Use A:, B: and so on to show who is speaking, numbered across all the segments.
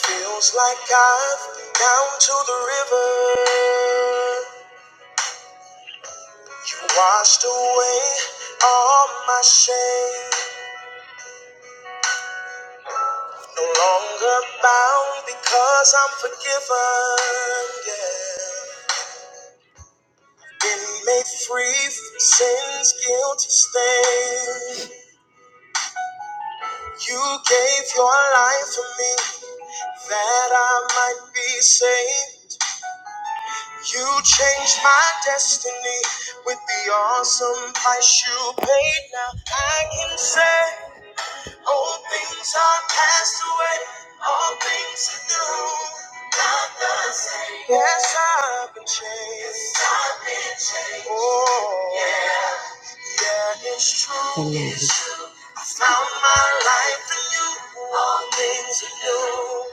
A: Feels like I've been down to the river. You washed away all my shame. No longer bound because I'm forgiven. Yeah. Been made free from sin's guilty stain. You gave your life for me that I might be saved. You changed my destiny with the awesome price you paid. Now I can say, all things are passed away, all things are new. Not the same. Yes, I've been changed. Oh, yeah, yeah, it's true. Amen. I found my life in you. All things are new.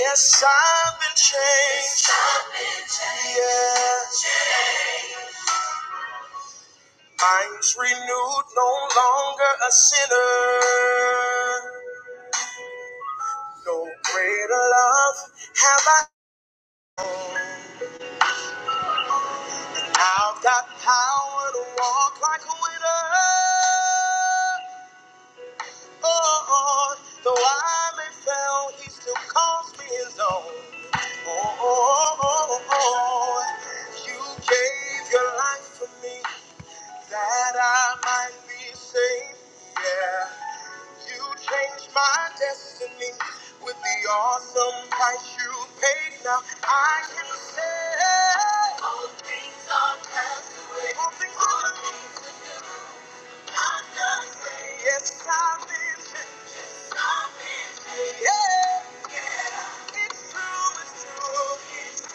A: Yes, I've been changed. Yes. Minds renewed, no longer a sinner. No greater love have I known. I've got power to walk like a winner. Oh, oh, though I may fail, he still calls me his own. Oh, oh, oh, oh, oh. you gave your life for me that I might be saved. Yeah. You changed my destiny with the awesome price you paid. Now I can say all things are all things are possible. Yes, I've been changed. Yeah, yeah, it's true, it's true.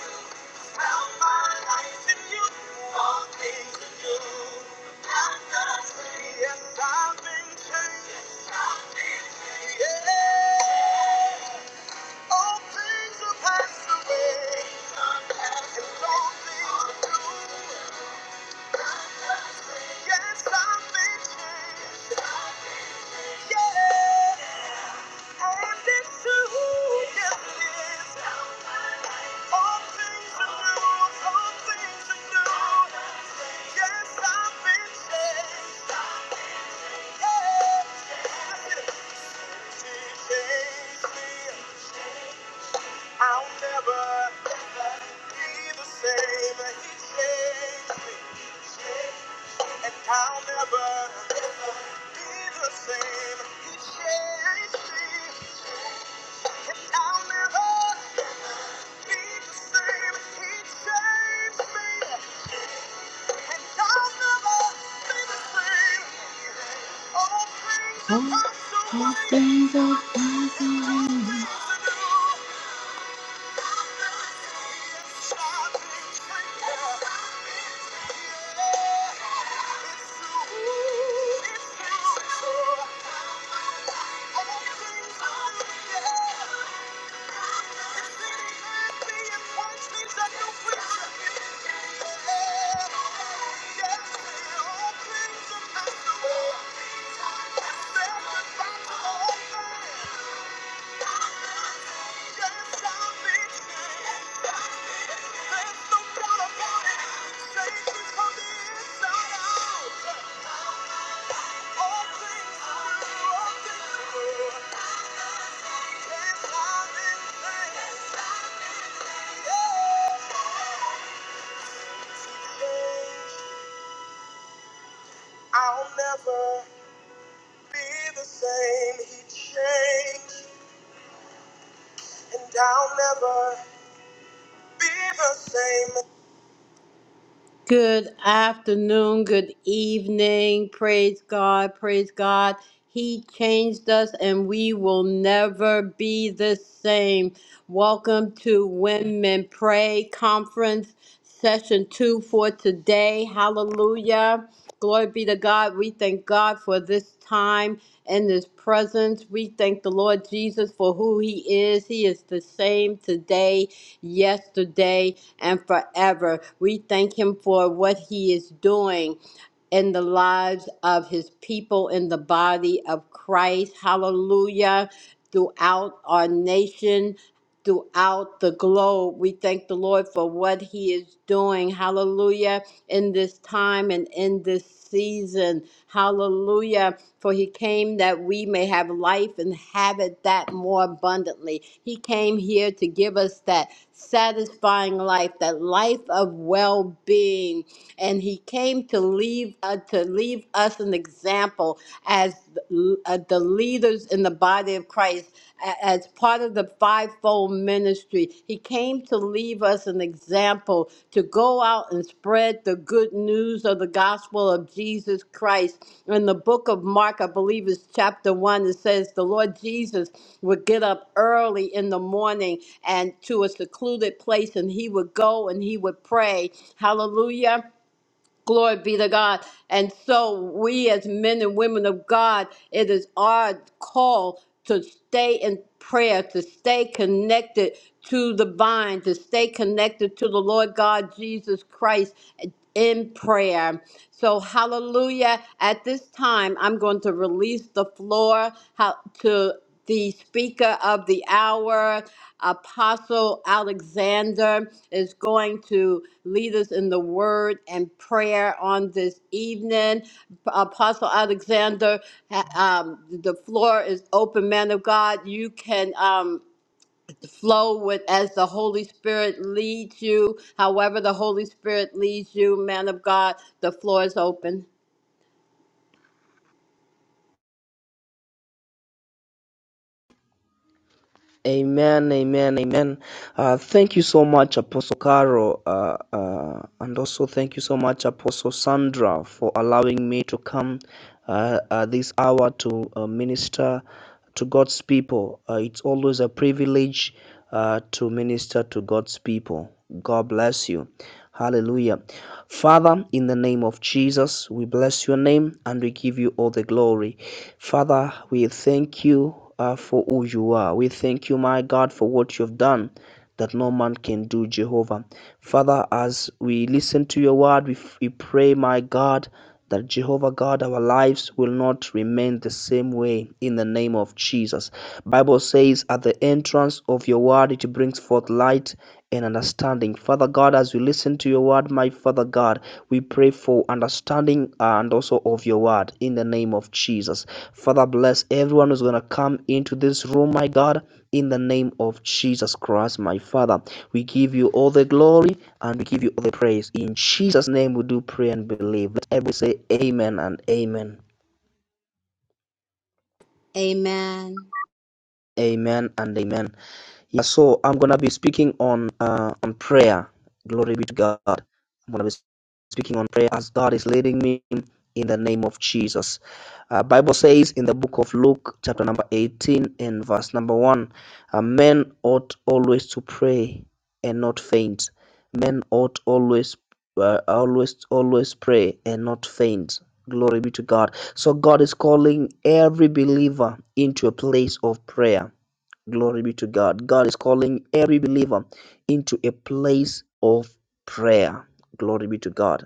A: It's how my life in you. All things are new. Yes, I've been changed. Yeah, all things are passed away. I'll never be the same. He changed me, and I'll never be the same. He changed me. All, things are I'll never be the same. He changed, and I'll never be the same Good afternoon, good evening. Praise God, praise God. He changed us and we will never be the same. Welcome to Women Pray Conference, session two for today. Hallelujah. Glory be to God. We thank God for this time and His presence. We thank the Lord Jesus for who He is. He is the same today, yesterday, and forever. We thank Him for what He is doing in the lives of his people in the body of Christ. Hallelujah. Throughout our nation throughout the globe. We thank the Lord for what He is doing. Hallelujah. In this time and in this season. Hallelujah. For He came that we may have life and have it that more abundantly. He came here to give us that satisfying life, that life of well being. And He came to leave uh, to leave us an example as uh, the leaders in the body of Christ a- as part of the fivefold ministry. He came to leave us an example to go out and spread the good news of the gospel of Jesus Christ. In the book of Mark, I believe it's chapter one, it says the Lord Jesus would get up early in the morning and to a secluded place and he would go and he would pray. Hallelujah Glory be to God. And so, we as men and women of God, it is our call to stay in prayer, to stay connected to the vine, to stay connected to the Lord God Jesus Christ in prayer. So, hallelujah. At this time, I'm going to release the floor how, to the speaker of the hour, Apostle Alexander, is going to lead us in the word and prayer on this evening. Apostle Alexander, ha- um, the floor is open, man of God. You can. Um, flow with as the holy spirit leads you however the holy spirit leads you man of god the floor is open
B: Amen, amen, amen. Uh, thank you so much, Apostle Caro, uh, uh, and also thank you so much, Apostle Sandra, for allowing me to come uh, at this hour to uh, minister to God's people. Uh, it's always a privilege uh, to minister to God's people. God bless you. Hallelujah. Father, in the name of Jesus, we bless your name and we give you all the glory. Father, we thank you uh, for who you are. We thank you, my God, for what you've done that no man can do, Jehovah. Father, as we listen to your word, we, we pray, my God, that Jehovah God, our lives will not remain the same way in the name of Jesus. Bible says, at the entrance of your word, it brings forth light and understanding. Father God, as we listen to your word, my Father God, we pray for understanding uh, and also of your word in the name of Jesus. Father, bless everyone who's going to come into this room, my God. In the name of Jesus Christ, my Father, we give you all the glory and we give you all the praise. In Jesus' name, we do pray and believe. Let everybody say amen and amen.
A: amen
B: Amen and amen. Yeah, so I'm gonna be speaking on uh, on prayer. Glory be to God. I'm gonna be speaking on prayer as God is leading me in the name of Jesus. Uh, Bible says in the book of Luke, chapter number 18 and verse number one, uh, men ought always to pray and not faint. Men ought always uh, always always pray and not faint. Glory be to God. So God is calling every believer into a place of prayer Glory be to God. God is calling every believer into a place of prayer. Glory be to God.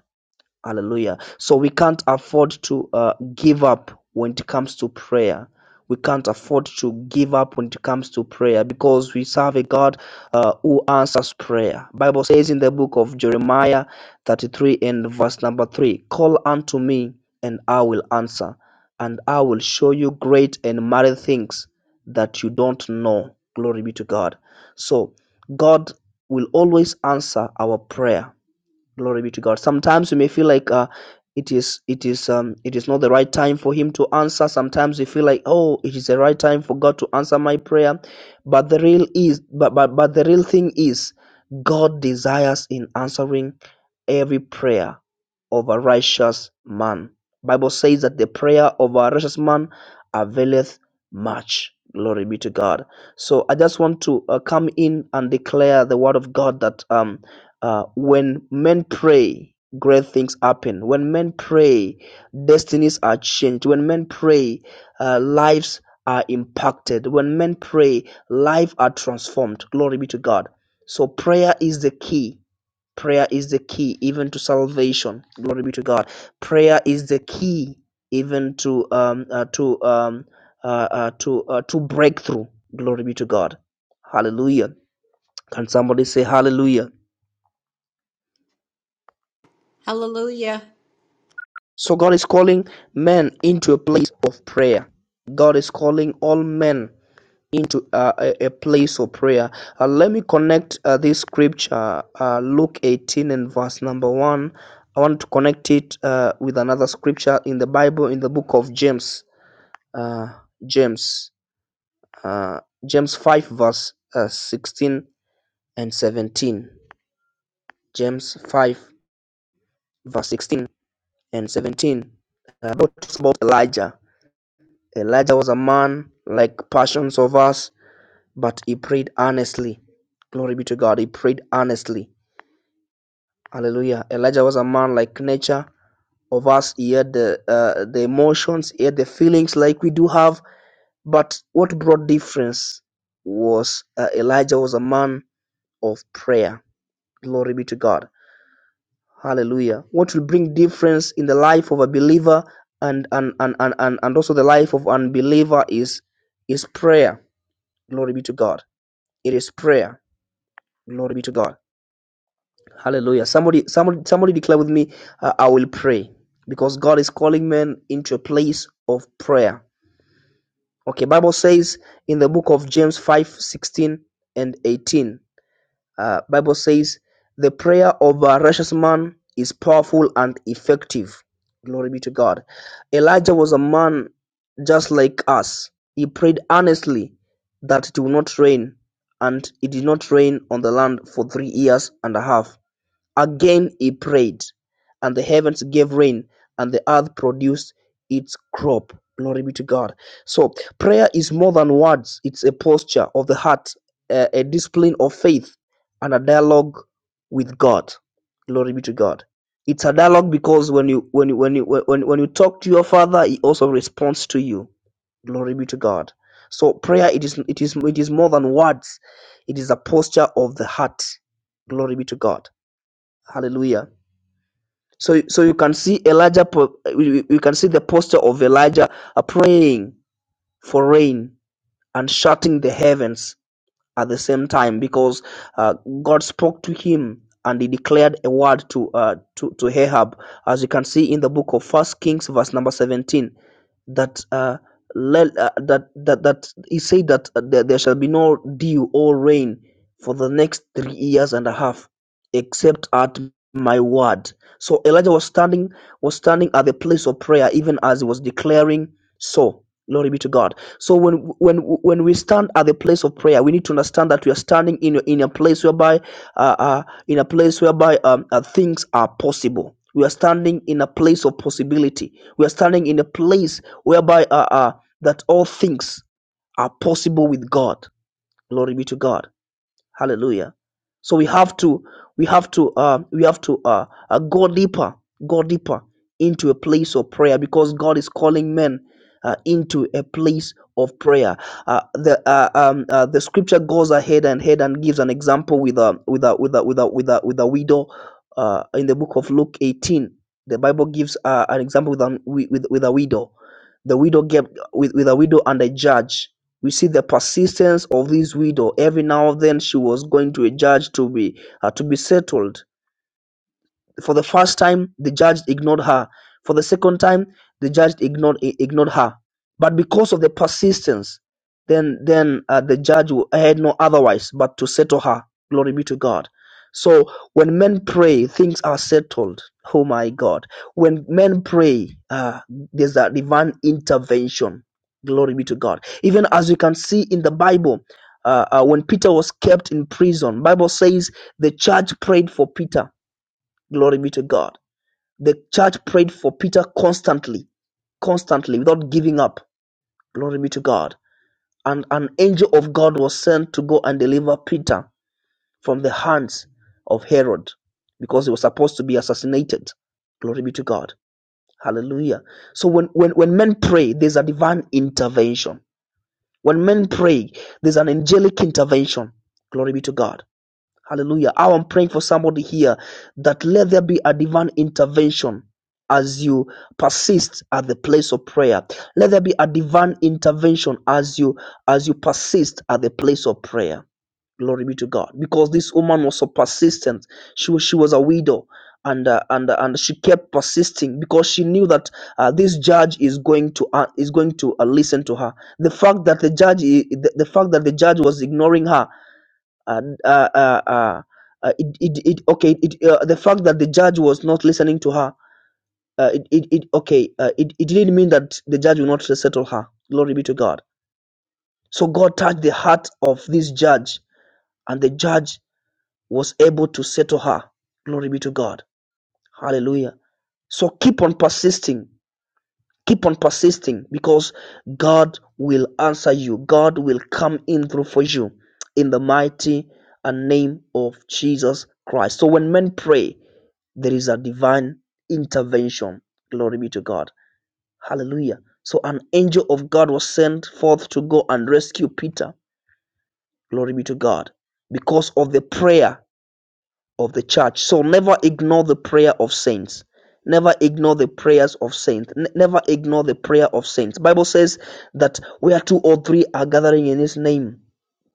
B: Hallelujah. So we can't afford to uh, give up when it comes to prayer. We can't afford to give up when it comes to prayer because we serve a God uh, who answers prayer. Bible says in the book of Jeremiah 33 and verse number 3, call unto me and I will answer and I will show you great and mighty things that you don't know. Glory be to God. So God will always answer our prayer glory be to god sometimes we may feel like uh it is it is um it is not the right time for him to answer sometimes we feel like oh it is the right time for god to answer my prayer but the real is but but, but the real thing is god desires in answering every prayer of a righteous man bible says that the prayer of a righteous man availeth much glory be to god so i just want to uh, come in and declare the word of god that um uh, when men pray, great things happen. When men pray, destinies are changed. When men pray, uh, lives are impacted. When men pray, lives are transformed. Glory be to God. So prayer is the key. Prayer is the key even to salvation. Glory be to God. Prayer is the key even to um uh, to um uh, uh to uh, to breakthrough. Glory be to God. Hallelujah. Can somebody say hallelujah?
A: hallelujah
B: So God is calling men into a place of prayer. God is calling all men into uh, a, a place of prayer. Uh, let me connect uh, this scripture, uh, Luke 18 and verse number 1. I want to connect it uh, with another scripture in the Bible, in the book of James. Uh, James. Uh, James 5, verse uh, 16 and 17. James 5, verse 16 and 17. Uh, about Elijah. Elijah was a man like passions of us, but he prayed earnestly. Glory be to God. He prayed earnestly. Hallelujah. Elijah was a man like nature of us. He had the uh, the emotions, he had the feelings like we do have. But what brought difference was uh, Elijah was a man of prayer. Glory be to God. Hallelujah. What will bring difference in the life of a believer and and and and, and, and also the life of unbeliever is is prayer. Glory be to God It is prayer. Glory be to God. Hallelujah. Somebody, somebody, somebody declare with me, uh, I will pray because God is calling men into a place of prayer. Okay, Bible says in the book of James 5 16 and 18. uh, Bible says the prayer of a righteous man is powerful and effective. Glory be to God. Elijah was a man just like us. He prayed earnestly that it will not rain, and it did not rain on the land for three years and a half. Again he prayed, and the heavens gave rain, and the earth produced its crop. Glory be to God. So, prayer is more than words, it's a posture of the heart, a, a discipline of faith, and a dialogue with God. Glory be to God. It's a dialogue because when you when you when you when, when you talk to your father, he also responds to you. Glory be to God. So prayer it is it is it is more than words. It is a posture of the heart. Glory be to God. Hallelujah. So, so you can see Elijah, po- you you can see the posture of Elijah uh, praying for rain and shutting the heavens at the same time because uh, God spoke to him and he declared a word to, uh, to to Ahab, as you can see in the book of First Kings, verse number seventeen, that uh, let, uh, that that that he said that uh, there there shall be no dew or rain for the next three years and a half, except at my word. So Elijah was standing was standing at the place of prayer, even as he was declaring so. Glory be to God. So when when when we stand at the place of prayer, we need to understand that we are standing in in a place whereby uh, uh in a place whereby um uh, things are possible. We are standing in a place of possibility. We are standing in a place whereby uh, uh that all things are possible with God. Glory be to God. Hallelujah. So we have to we have to uh we have to uh, uh go deeper, go deeper into a place of prayer because God is calling men uh, into a place of prayer. Uh, the uh, um uh, the scripture goes ahead and ahead and gives an example with a with a with a with a with a, with a widow uh, in the book of Luke 18. The Bible gives uh, an example with, an, with with with a widow. The widow gave with, with a widow and a judge we see the persistence of this widow. Every now and then she was going to a judge to be uh, to be settled. For the first time, the judge ignored her. For the second time, the judge ignored ignored her. But because of the persistence, then then uh, the judge had no otherwise but to settle her. Glory be to God. So when men pray, things are settled. Oh my God! When men pray, uh, there's a divine intervention. Glory be to God. Even as you can see in the Bible, uh, uh, when Peter was kept in prison, Bible says the church prayed for Peter Glory be to God. The church prayed for Peter constantly, constantly, without giving up. Glory be to God. And an angel of God was sent to go and deliver Peter from the hands of Herod because he was supposed to be assassinated. Glory be to God. Hallelujah. So when, when, when men pray, there's a divine intervention. When men pray, there's an angelic intervention. Glory be to God. Hallelujah. I'm praying for somebody here that let there be a divine intervention as you persist at the place of prayer. Let there be a divine intervention as you as you persist at the place of prayer. Glory be to God. Because this woman was so persistent. She was she was a widow. And, uh, and uh, and she kept persisting because she knew that uh, this judge is going to uh, is going to uh, listen to her. The fact that the judge the, the fact that the judge was ignoring her and uh, uh, uh, uh, it, it, it okay it, uh, the fact that the judge was not listening to her uh, it, it, it okay uh, it, it didn't mean that the judge will not settle her glory be to god so god touched the heart of this judge and the judge was able to settle her glory be to god hallelujah so keep on persisting Keep on persisting because God will answer you. God will come in through for you in the mighty and name of Jesus Christ. So when men pray, there is a divine intervention. Glory be to God. Hallelujah. So an angel of God was sent forth to go and rescue Peter. Glory be to God. Because of the prayer of the church. So never ignore the prayer of saints. Never ignore the prayers of saints. N- never ignore the prayer of saints. Bible says that where two or three are gathering in his name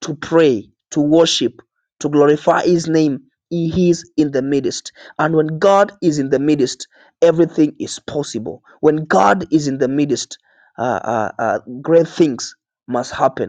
B: to pray, to worship, to glorify his name, he is in the midst. And when God is in the midst, everything is possible. When God is in the midst, uh, uh, uh, great things must happen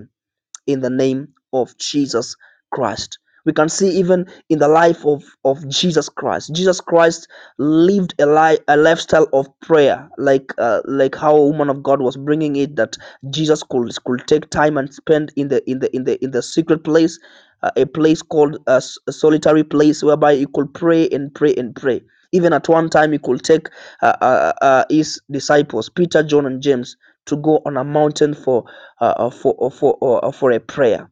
B: in the name of Jesus Christ. We can see even in the life of, of Jesus Christ. Jesus Christ lived a, li- a lifestyle of prayer, like uh, like how a woman of God was bringing it that Jesus could, could take time and spend in the in the in the in the secret place, uh, a place called uh, a solitary place whereby he could pray and pray and pray. Even at one time, he could take uh, uh, uh, his disciples, Peter, John, and James, to go on a mountain for uh, uh, for uh, for uh, uh, for a prayer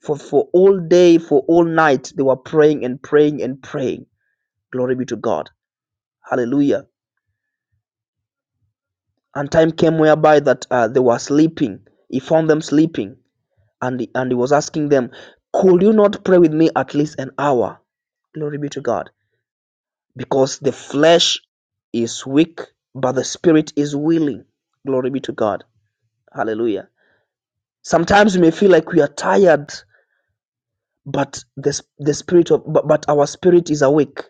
B: for for all day for all night they were praying and praying and praying glory be to god hallelujah and time came whereby that uh, they were sleeping he found them sleeping and he, and he was asking them could you not pray with me at least an hour glory be to god because the flesh is weak but the spirit is willing glory be to god hallelujah sometimes we may feel like we are tired but the, s- the spirit of but, but our spirit is awake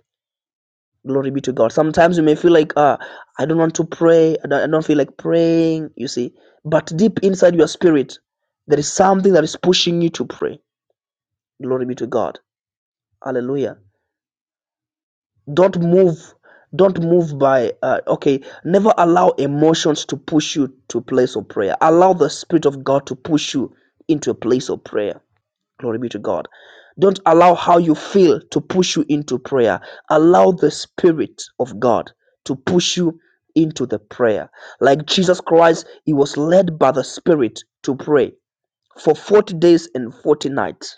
B: glory be to god sometimes you may feel like ah i don't want to pray I don't, I don't feel like praying you see but deep inside your spirit there is something that is pushing you to pray glory be to god hallelujah don't move don't move by uh, okay never allow emotions to push you to a place of prayer allow the spirit of god to push you into a place of prayer Glory be to God. Don't allow how you feel to push you into prayer. Allow the Spirit of God to push you into the prayer. Like Jesus Christ, he was led by the Spirit to pray for 40 days and 40 nights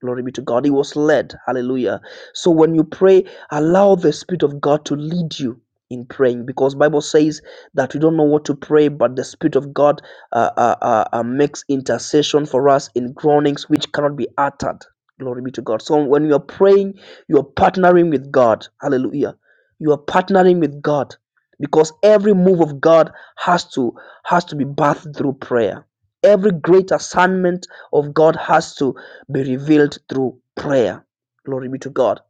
B: Glory be to God. He was led. Hallelujah. So when you pray, allow the Spirit of God to lead you in praying because bible says that we don't know what to pray but the spirit of god uh, uh, uh, uh, makes intercession for us in groanings which cannot be uttered glory be to god so when you are praying you are partnering with god hallelujah you are partnering with god because every move of god has to has to be bathed through prayer every great assignment of god has to be revealed through prayer. Glory be to God.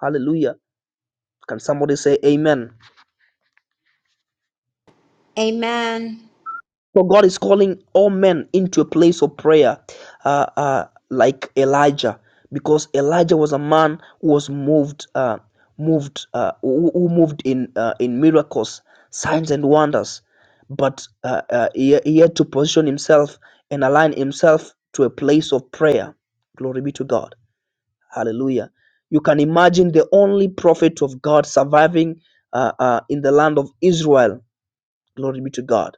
B: Hallelujah. Can somebody say amen?
A: amen
B: So God is calling all men into a place of prayer, uh, uh, like Elijah, because Elijah was a man who was moved, uh, moved, uh, who, who moved in uh, in miracles, signs and wonders, but uh, uh, he, he had to position himself and align himself to a place of prayer. Glory be to God. Hallelujah. You can imagine the only prophet of God surviving uh, uh, in the land of Israel. Glory be to God.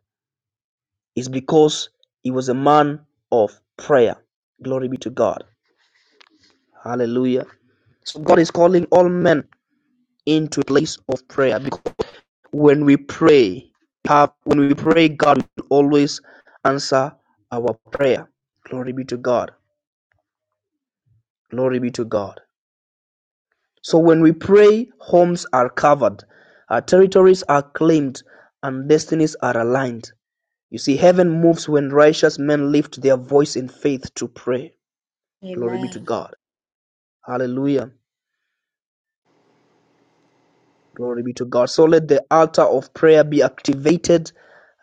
B: It's because he was a man of prayer. Glory be to God. Hallelujah. So God is calling all men into a place of prayer because when we pray, have when we pray, God will always answer our prayer. Glory be to God. Glory be to God. So when we pray, homes are covered, our territories are claimed, and destinies are aligned. You see, heaven moves when righteous men lift their voice in faith to pray. Glory be to
A: amen
B: God. Hallelujah. Glory be to God. So let the altar of prayer be activated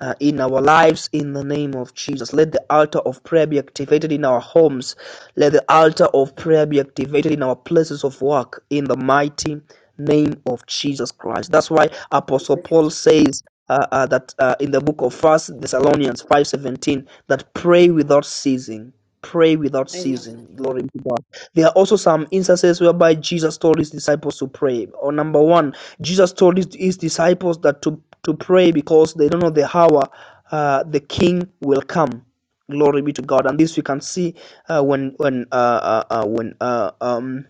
B: uh, in our lives in the name of Jesus. Let the altar of prayer be activated in our homes. Let the altar of prayer be activated in our places of work in the mighty name of Jesus Christ. That's why Apostle Paul says uh, uh, that uh, in the book of First Thessalonians five seventeen that pray without ceasing. Pray without ceasing. Glory to God. There are also some instances whereby Jesus told his disciples to pray. Or number one, Jesus told his, his disciples that to to pray because they don't know the hour uh, the King will come. Glory be to God. And this we can see uh, when when uh, uh, uh, when uh, um,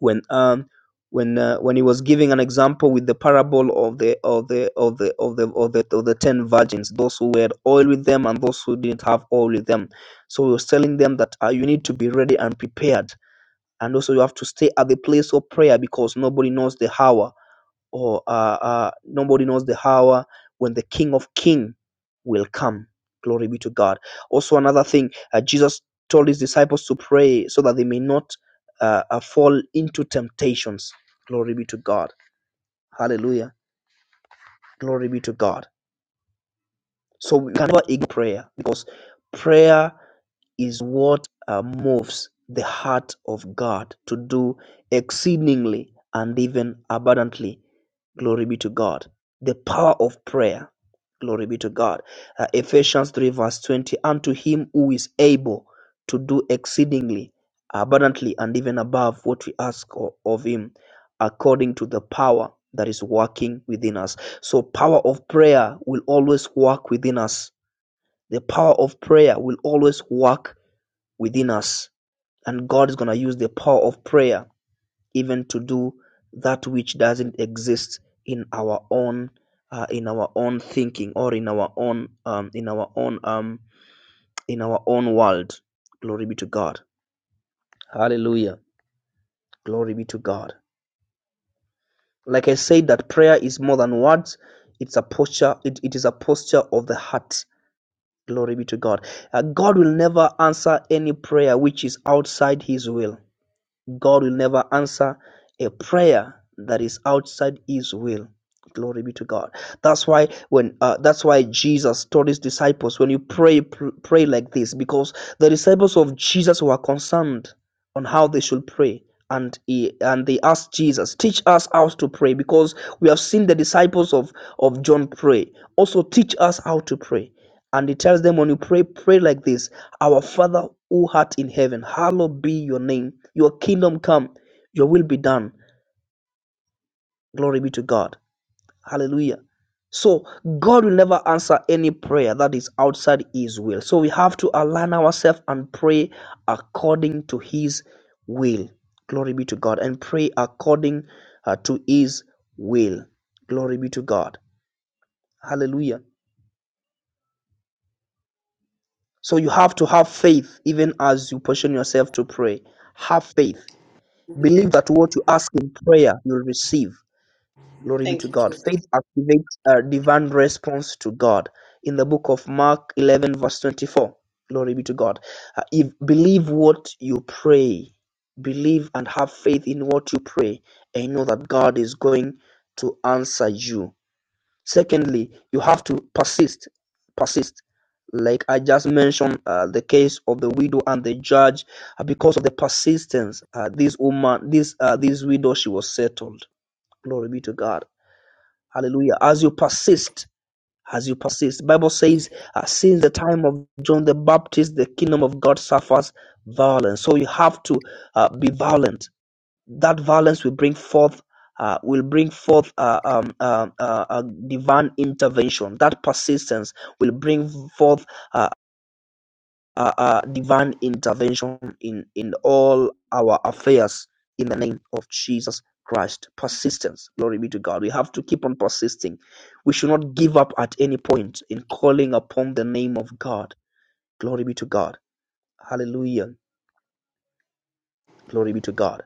B: when um when uh, when he was giving an example with the parable of the of the of the of the of the of the ten virgins, those who had oil with them and those who didn't have oil with them. So he was telling them that uh, you need to be ready and prepared, and also you have to stay at the place of prayer because nobody knows the hour or uh, uh, nobody knows the hour when the King of King will come. Glory be to God. Also, another thing, uh, Jesus told his disciples to pray so that they may not uh, uh, fall into temptations. Glory be to God. Hallelujah. Glory be to God. So we can never ignore prayer because prayer is what uh, moves the heart of God to do exceedingly and even abundantly. Glory be to God. The power of prayer. Glory be to God. Uh, Ephesians 3, verse 20. Unto him who is able to do exceedingly abundantly and even above what we ask o- of him, according to the power that is working within us. So, power of prayer will always work within us. The power of prayer will always work within us. And God is going to use the power of prayer even to do that which doesn't exist in our own uh, in our own thinking or in our own um, in our own um, in our own world glory be to god hallelujah glory be to god like i said that prayer is more than words it's a posture it, it is a posture of the heart glory be to god Uh, god will never answer any prayer which is outside his will God will never answer a prayer that is outside his will. Glory be to God. That's why when uh, that's why Jesus told his disciples when you pray pr- pray like this because the disciples of Jesus were concerned on how they should pray and he, and they asked Jesus teach us how to pray because we have seen the disciples of of John pray also teach us how to pray and he tells them when you pray pray like this our Father who art in heaven, hallowed be your name. Your kingdom come, your will be done. Glory be to God. Hallelujah. So, God will never answer any prayer that is outside His will. So, we have to align ourselves and pray according to His will. Glory be to God. And pray according uh, to His will. Glory be to God. Hallelujah. So, you have to have faith even as you position yourself to pray. Have faith. Believe that what you ask in prayer, you'll receive. Glory be to
A: Thank you.
B: God.
A: Jesus.
B: Faith activates a divine response to God. In the book of Mark 11, verse 24. Glory be to God. Uh, if believe what you pray, believe and have faith in what you pray, and know that God is going to answer you. Secondly, you have to persist, persist. Like I just mentioned, uh, the case of the widow and the judge, uh, because of the persistence, uh, this woman, this uh, this widow, she was settled. Glory be to God. Hallelujah. As you persist, as you persist, Bible says, uh, since the time of John the Baptist, the kingdom of God suffers violence. So you have to uh, be violent. That violence will bring forth uh, will bring forth uh, um, uh, uh, uh, divine intervention. That persistence will bring forth uh, uh, uh, divine intervention in in all our affairs. In the name of Jesus Christ, persistence. Glory be to God. We have to keep on persisting. We should not give up at any point in calling upon the name of God. Glory be to God. Hallelujah. Glory be to God.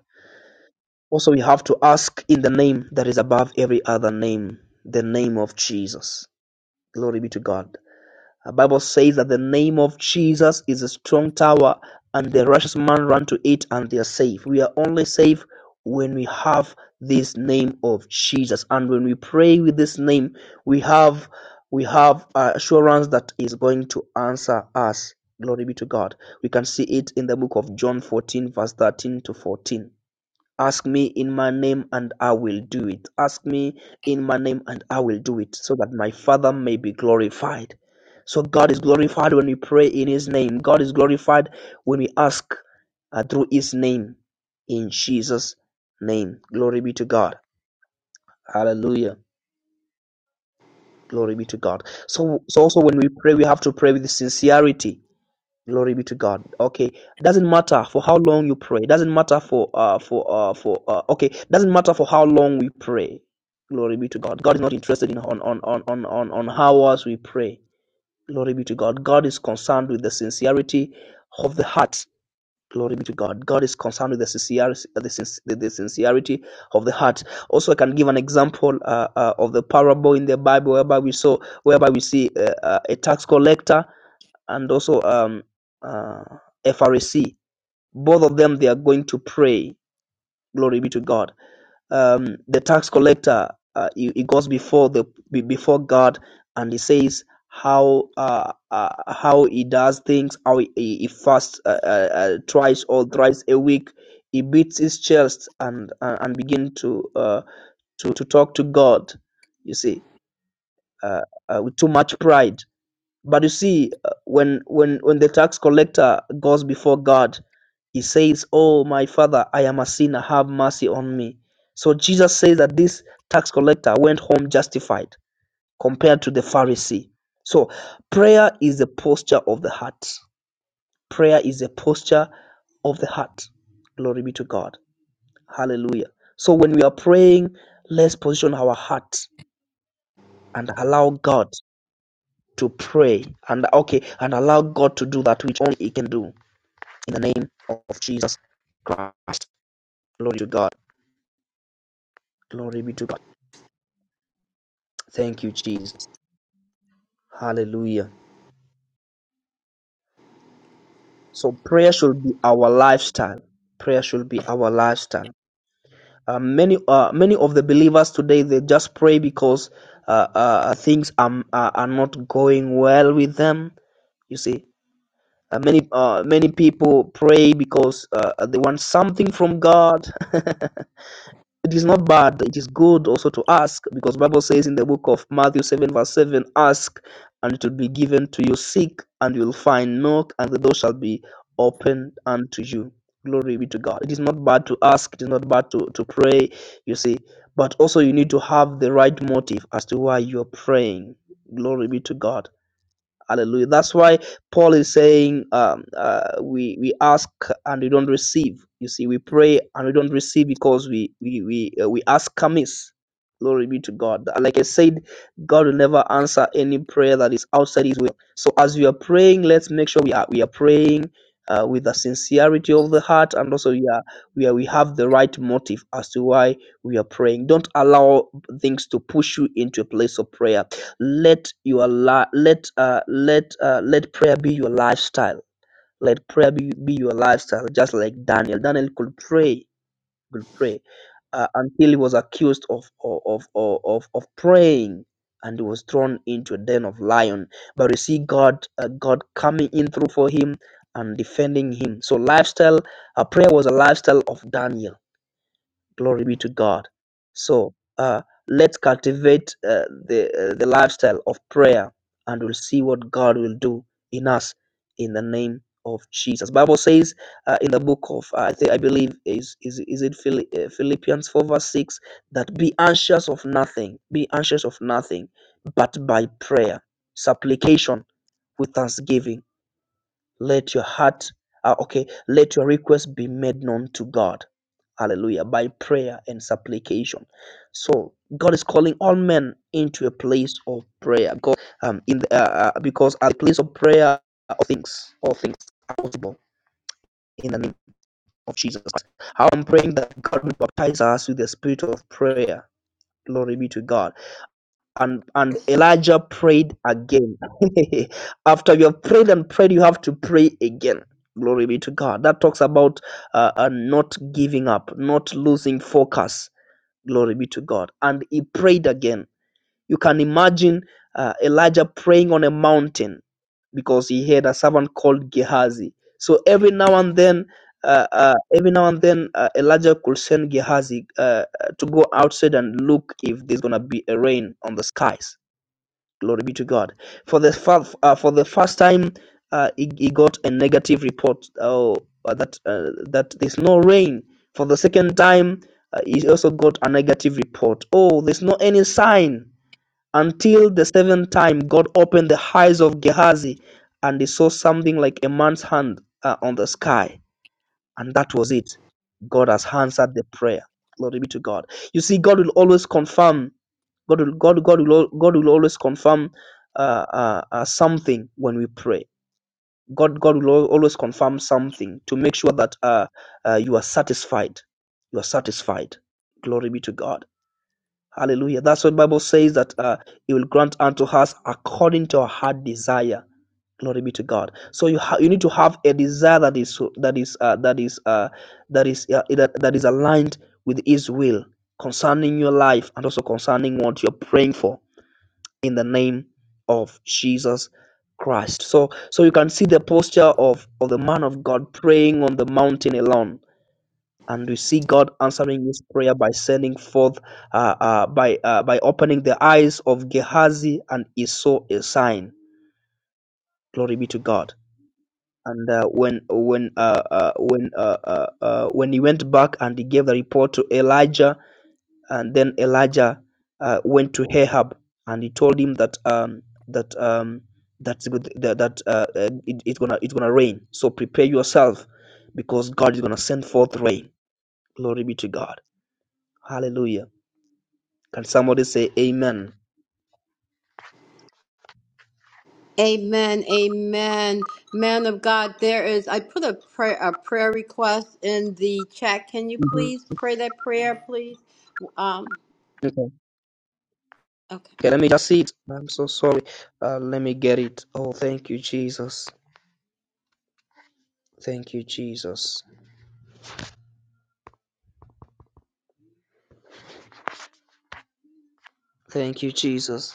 B: Also we have to ask in the name that is above every other name, the name of Jesus. Glory be to God. The Bible says that the name of Jesus is a strong tower, and the righteous man run to it and they are safe. We are only safe when we have this name of Jesus, and when we pray with this name, we have we have uh, assurance that is going to answer us. Glory be to God. We can see it in the book of John 14, verse 13 to 14 ask me in my name and I will do it. Ask me in my name and I will do it so that my Father may be glorified. So God is glorified when we pray in His name. God is glorified when we ask uh, through His name in Jesus' name. Glory be to God. Hallelujah. Glory be to God. So, so also when we pray, we have to pray with sincerity glory be to god okay doesn't matter for how long you pray doesn't matter for uh for uh for uh okay doesn't matter for how long we pray glory be to god god is not interested in on on on on on, on how us we pray glory be to god god is concerned with the sincerity of the heart glory be to god god is concerned with the sincerity the, sin- the, sincerity of the heart also i can give an example uh, uh, of the parable in the bible whereby we saw whereby we see uh, uh, a tax collector and also um, uh, Pharisee. Both of them, they are going to pray. Glory be to God. Um, the tax collector, uh, he, he goes before the before God, and he says how uh, uh, how he does things, how he, he fasts uh, uh, uh, twice or thrice a week. He beats his chest and uh, and begin to uh, to to talk to God. You see, uh, uh, with too much pride but you see, uh, when when when the tax collector goes before God, he says, "Oh, my Father, I am a sinner. Have mercy on me." So Jesus says that this tax collector went home justified compared to the Pharisee. So prayer is the posture of the heart. Prayer is a posture of the heart. Glory be to God. Hallelujah. So when we are praying, let's position our heart and allow God. to pray and okay and allow God to do that which only He can do in the name of Jesus Christ. Glory to God. Glory be to God. Thank you, Jesus. Hallelujah. So prayer should be our lifestyle. Prayer should be our lifestyle. Uh, many uh, many of the believers today they just pray because uh, uh, things are, are not going well with them. You see, uh, many uh, many people pray because uh, they want something from God. It is not bad, it is good also to ask, because Bible says in the book of Matthew 7 verse 7, ask and it will be given to you, seek and you will find, knock and the door shall be opened unto you. Glory be to God. It is not bad to ask, it is not bad to, to pray, you see, but also you need to have the right motive as to why you are praying. Glory be to God. Hallelujah. That's why Paul is saying, um, uh, we we ask and we don't receive. You see, we pray and we don't receive because we we we uh, we ask amiss. Glory be to God. Like I said, God will never answer any prayer that is outside His will. So as we are praying, let's make sure we are we are praying uh, with the sincerity of the heart, and also we are we are we have the right motive as to why we are praying. Don't allow things to push you into a place of prayer let your li- let uh let uh let prayer be your lifestyle let prayer be, be your lifestyle just like daniel daniel could pray could pray uh, until he was accused of of, of of of praying and he was thrown into a den of lion but you see god uh, god coming in through for him and defending him so lifestyle uh, prayer was a lifestyle of daniel Glory be to God. So uh, let's cultivate uh, the uh, the lifestyle of prayer, and we'll see what God will do in us in the name of Jesus. Bible says uh, in the book of uh, I think I believe is is is it Phil- uh, Philippians four verse six that be anxious of nothing, be anxious of nothing, but by prayer, supplication with thanksgiving, let your heart uh, okay, let your request be made known to God Hallelujah. By prayer and supplication. So God is calling all men into a place of prayer. God, um, in the, uh, uh, because at the place of prayer, all things, all things are possible in the name of Jesus Christ. I'm praying that God will baptize us with the spirit of prayer. Glory be to God. And and Elijah prayed again. After you have prayed and prayed, you have to pray again. Glory be to God. That talks about uh, uh, not giving up, not losing focus Glory be to God. And he prayed again. You can imagine uh, Elijah praying on a mountain because he had a servant called Gehazi. So every now and then, uh, uh, every now and then, uh, Elijah could send Gehazi uh, uh, to go outside and look if there's gonna be a rain on the skies Glory be to God. For the fa- uh, for the first time, uh, he, he got a negative report oh, uh, that uh, that there's no rain. For the second time, uh, he also got a negative report. Oh, there's no any sign until the seventh time. God opened the eyes of Gehazi, and he saw something like a man's hand uh, on the sky, and that was it. God has answered the prayer. Glory be to God. You see, God will always confirm God will, God, God will, al- God will always confirm uh, uh, uh, something when we pray. God, God will al- always confirm something to make sure that uh, uh, you are satisfied. You are satisfied. Glory be to God. Hallelujah. That's what Bible says that uh, He will grant unto us according to our heart desire. Glory be to God. So you ha- you need to have a desire that is that is uh, that is uh, that is uh, that, that is aligned with His will concerning your life and also concerning what you're praying for in the name of Jesus Christ. So so you can see the posture of, of the man of God praying on the mountain alone. And we see God answering his prayer by sending forth, uh, uh, by uh, by opening the eyes of Gehazi, and he saw a sign. Glory be to God. And uh, when when uh, uh, when uh, uh, uh, when he went back and he gave the report to Elijah, And then Elijah uh, went to Ahab and he told him that um, that um, that's good, that that uh, uh, it, it's gonna it's gonna rain. So prepare yourself because God is gonna send forth rain. Glory be to God. Hallelujah. Can somebody say Amen?
A: Amen. Amen. Man of God, there is, I put a prayer, a prayer request in the chat. Can you
B: Mhm.
A: please pray that prayer, please? Um,
B: Okay.
A: okay.
B: okay, let me just see it. I'm so sorry. Uh, let me get it. Oh, thank you, Jesus. Thank you, Jesus. Thank you, Jesus.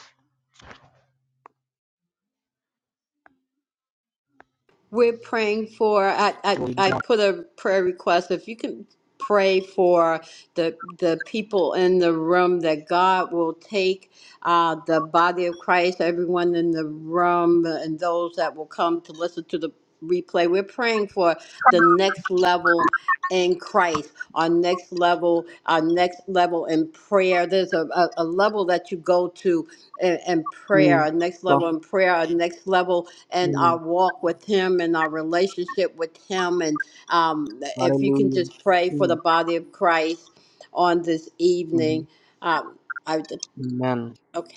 A: We're praying for, I, I,
B: Glory be to
A: I
B: God.
A: put a prayer request. If you can pray for the, the people in the room that God will take, uh, the body of Christ, everyone in the room and those that will come to listen to the replay. We're praying for the next level in Christ, our next level, our next level in prayer. There's a, a, a level that you go to in, in prayer,
B: Mm.
A: our next
B: God.
A: level in prayer, our next level in our
B: Mm.
A: walk with Him and our relationship with Him. And um, if you can
B: Hallelujah.
A: just pray for
B: Mm.
A: the body of Christ on this evening.
B: Mhm.
A: Um, I,
B: Amen.
A: okay.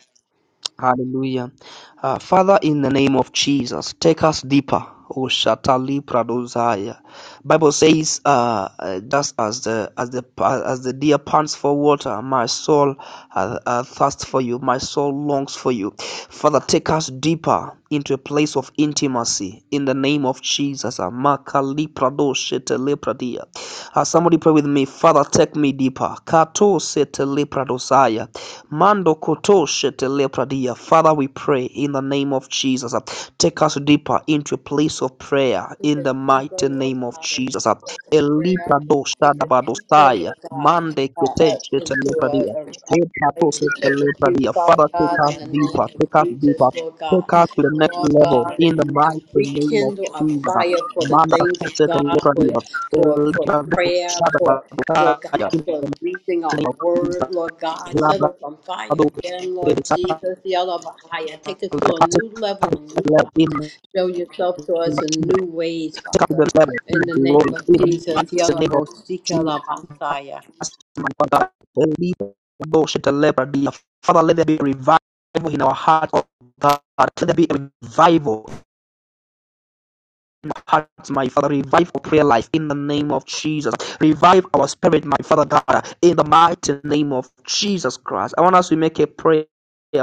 B: Hallelujah. Uh, Father, in the name of Jesus, take us deeper. O Shatali Pradozaya. Bible says, uh, uh, just as the as the as the deer pants for water, my soul uh, uh, thirsts for you. My soul longs for you. Father, take us deeper into a place of intimacy in the name of Jesus. Amakali Pradosh setelepradia. Uh, somebody pray with me. Father, take me deeper. Kato setelepradosia. Mando koto setelepradia. Father, we pray in the name of Jesus. uh, Take us deeper into a place of prayer
A: Take
B: in
A: us
B: the
A: deeper,
B: mighty
A: Lord
B: name of
A: God, into
B: Jesus. uh.
A: a place of prayer.
B: Eliprado
A: Take us deeper,
B: shadabadosaya.
A: Lord God,
B: Mande
A: uh,
B: kete
A: uh, into a,
B: setelepradia.
A: a, a
B: Kato
A: relationship with you,
B: setelepradia.
A: Father
B: Father, take
A: God,
B: us
A: in the name
B: deeper.
A: of
B: Take us
A: Jesus,
B: deeper.
A: Lord God.
B: Take us to the next
A: Lord
B: level
A: God,
B: in the
A: and and
B: mighty name of
A: rekindle a
B: Jesus.
A: fire for the
B: Manda
A: things of
B: Santa
A: God, for
B: Calabria,
A: for, for
B: Elbrado
A: prayer, for Lord
B: Shadabaya,
A: God,
B: in
A: for
B: the
A: reading our
B: name of
A: word,
B: Jesus,
A: Lord God, set us
B: Labrado,
A: on fire again, Lord
B: Santa
A: Jesus, the other higher. Take us to a new level in you,
B: Calabria,
A: God.
B: in
A: Show yourself to us
B: the
A: in new
B: kingdom,
A: ways,
B: take up the
A: Father.
B: level, in
A: In
B: the
A: the name
B: glory,
A: of
B: in the
A: Jesus,
B: mighty name of
A: Yalabo Sika
B: Jesus,
A: Labasaya.
B: my Father, believe the bullshit, the leper, be a Father, let there be a revival in our heart, oh God, let there be a revival hearts, my Father. Revive our prayer life in the name of Jesus. Revive our spirit, my Father God, in the mighty name of Jesus Christ. I want us to make a prayer.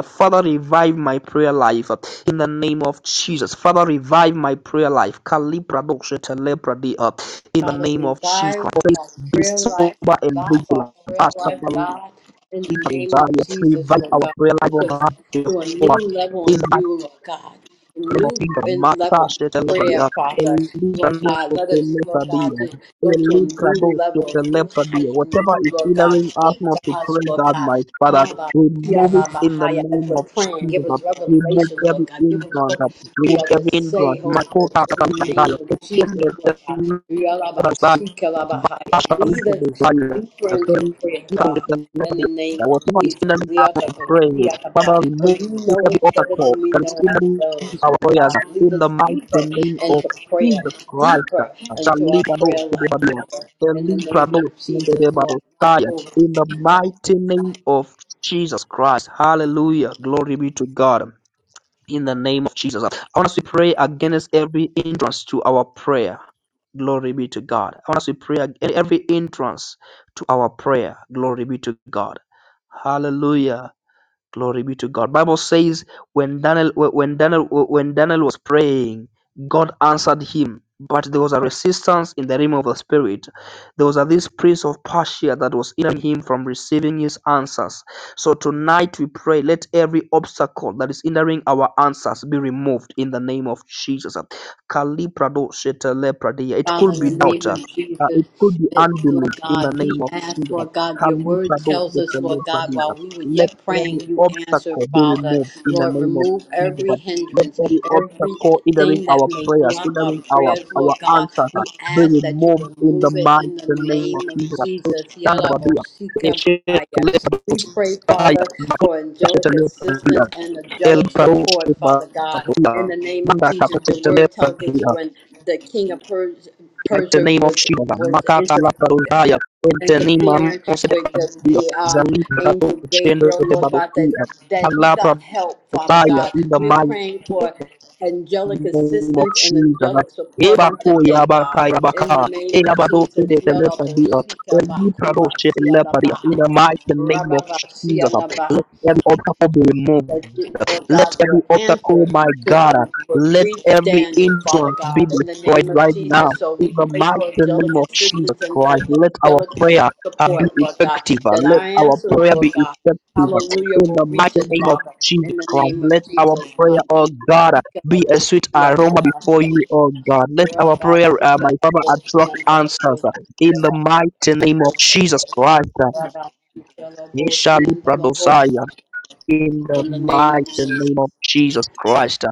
B: Father, revive my prayer life in the name of Jesus. Father, revive my prayer life. Kalibra dokshe telebra di up in the
A: Father,
B: name of Jesus
A: revive
B: Christ.
A: our
B: Be
A: prayer life,
B: sober and
A: revive our
B: vigilant.
A: prayer life, God, in the name of Jesus,
B: Revive
A: Lord
B: our
A: God.
B: prayer life,
A: Take
B: O
A: us
B: God.
A: to a new level
B: In
A: in
B: the
A: you, Lord God, a new
B: Lematia,
A: in- level of
B: Matasha
A: prayer,
B: Telepadia,
A: Father. Lord God,
B: Elipanoso
A: let us, Lord God,
B: Telepadia,
A: just go to a new
B: Elikraboso
A: level, a new height
B: Telepadia,
A: in
B: whatever
A: you,
B: is
A: Lord God.
B: hindering us
A: Speak
B: not
A: to
B: to
A: us,
B: pray,
A: Lord
B: God,
A: God.
B: my Father,
A: How about yeah,
B: remove it
A: Rabbi,
B: in the
A: higher as
B: name
A: we're
B: of
A: praying, give
B: Jesus.
A: us
B: Remove
A: revelation, Lord
B: every
A: God. Give
B: hindrance,
A: us we
B: remove
A: are to
B: every
A: say,
B: hindrance.
A: Holy
B: Makota
A: Ghost, in the name
B: Telepadia,
A: of Jesus, Lord God. Yalabasikalabahaya. Lead us deeper into prayer, God, in the name of
B: in
A: Jesus.
B: the
A: We are to go, we
B: pray,
A: are to
B: Father,
A: God. For
B: remove
A: you know us
B: every
A: better
B: obstacle
A: than we
B: that is
A: know
B: in
A: ourselves.
B: our prayers
A: God,
B: in
A: lead
B: the
A: us deeper
B: mighty name of
A: into prayer,
B: Jesus Christ.
A: deeper
B: shall
A: into our
B: lead about to
A: prayer
B: the
A: life,
B: Babylon,
A: Father.
B: Shall
A: In the name
B: Shalibado,
A: of Jesus, Lord.
B: Shalibado, Shalibado, Shalibado, Shaya,
A: Yakoba,
B: In the mighty name of Jesus Christ. Hallelujah. Glory be to God. In the name of Jesus. I want us to pray against every hindrance to our prayer Glory be to God. I want us to pray ag- every entrance to our prayer. Glory be to God. Hallelujah. Glory be to God. Bible says when Daniel when Daniel when Daniel was praying, God answered him. But there was a resistance in the realm of the spirit. There was a, this prince of Persia that was hindering him from receiving his answers. So tonight we pray, let every obstacle that is hindering our answers be removed in the name of Jesus. Kaliprado shetelepradia. It
A: Father,
B: could be
A: in the
B: doubt.
A: name of
B: uh,
A: Jesus,
B: it could be
A: that,
B: unbelief
A: Lord
B: in the
A: God, we
B: name of
A: ask,
B: Jesus.
A: Lord God, your word
B: Kaliprado
A: tells us, Lord God,
B: shetelepradia.
A: while we were
B: Let
A: yet
B: every
A: praying, you answered,
B: obstacle be
A: Father.
B: removed in the
A: Lord,
B: name of
A: remove
B: Jesus.
A: every
B: Let
A: hindrance,
B: every obstacle hindering
A: everything that
B: our
A: may
B: prayers,
A: block our
B: hindering our
A: prayers, Lord
B: our
A: God.
B: answers, uh,
A: We
B: be
A: ask that you
B: removed in the
A: remove it
B: mighty
A: in the
B: name of
A: name of
B: Jesus. Oh,
A: Jesus.
B: stand up, Abia. Eh,
A: Yalabosika
B: shake,
A: Messiah.
B: let those
A: We pray,
B: fire,
A: Father,
B: but don't
A: for
B: touch it,
A: angelic
B: let Abia.
A: assistance and
B: El
A: angelic
B: Baro,
A: support,
B: Sheba,
A: Father God. In
B: Abia.
A: the name of
B: Manda,
A: Jesus,
B: Kappa,
A: your
B: Tete, let
A: word tells us
B: Abia.
A: when the king of Persia
B: Like the
A: Persia
B: name of
A: was
B: Shiva,
A: was
B: Makata
A: inter,
B: Laparunaya, in the name of
A: interfering with the,
B: Mosedia,
A: the um,
B: Zalibra,
A: angel
B: Chendo
A: Gabriel,
B: de
A: Lord God, that
B: Babokia,
A: that he
B: Allah
A: got help, Father
B: Prabhupaya,
A: God.
B: in the
A: We're
B: mighty
A: praying for angelic
B: name of
A: assistance and
B: Jesus.
A: angelic support
B: Eba
A: on
B: ko ya
A: today, God.
B: baka ya
A: In
B: baka,
A: the name of
B: eba do
A: Jesus,
B: fide de lepa
A: Yalabo
B: dia,
A: Sika
B: ebi prado
A: Bakuba
B: she
A: Siana
B: lepa in the
A: Bahaya,
B: mighty name of Jesus.
A: Rababa
B: Let every obstacle be removed.
A: that you, Lord
B: Let
A: God,
B: every
A: your
B: obstacle,
A: answer
B: my
A: could
B: God, let
A: reach
B: every
A: Daniel, Father
B: hindrance be
A: God, in the
B: destroyed
A: name of
B: right now.
A: Jesus. So
B: In
A: we
B: the
A: pray
B: mighty
A: for
B: name
A: angelic
B: of Jesus
A: assistance and
B: Christ, let our
A: angelic
B: prayer uh, be
A: support, Lord God,
B: effective.
A: that our
B: Let our
A: answers,
B: prayer
A: Lord
B: be
A: God,
B: effective.
A: hallelujah,
B: In
A: will
B: the
A: reach
B: mighty
A: us,
B: name of
A: Father,
B: Jesus
A: in the
B: Christ,
A: name of
B: let our
A: Jesus.
B: prayer, oh God, be a sweet aroma before you, oh God. Let our prayer, uh, my Father, attract answers. In the mighty name of Jesus Christ, Yesha Libra Dosaya in the
A: In the name of
B: mighty
A: Jesus.
B: name of Jesus Christ.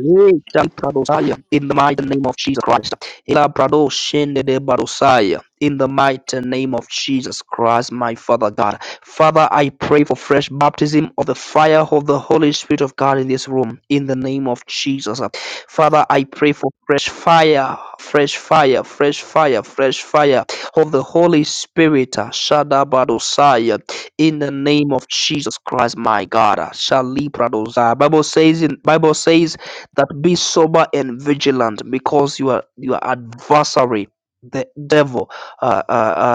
B: Great and Pradosaya, in the mighty name of Jesus Christ. Ela Prado Shende de Barosaya, in the mighty name of Jesus Christ, my Father God. Father, I pray for fresh baptism of the fire of the Holy Spirit of God in this room, in the name of Jesus. Father, I pray for fresh fire, fresh fire, fresh fire, fresh fire of the Holy Spirit, Shada Barosaya, in the name of Jesus Christ, my God. Shali Pradosaya. Bible says in Bible says that be sober and vigilant because your your adversary the devil uh, uh,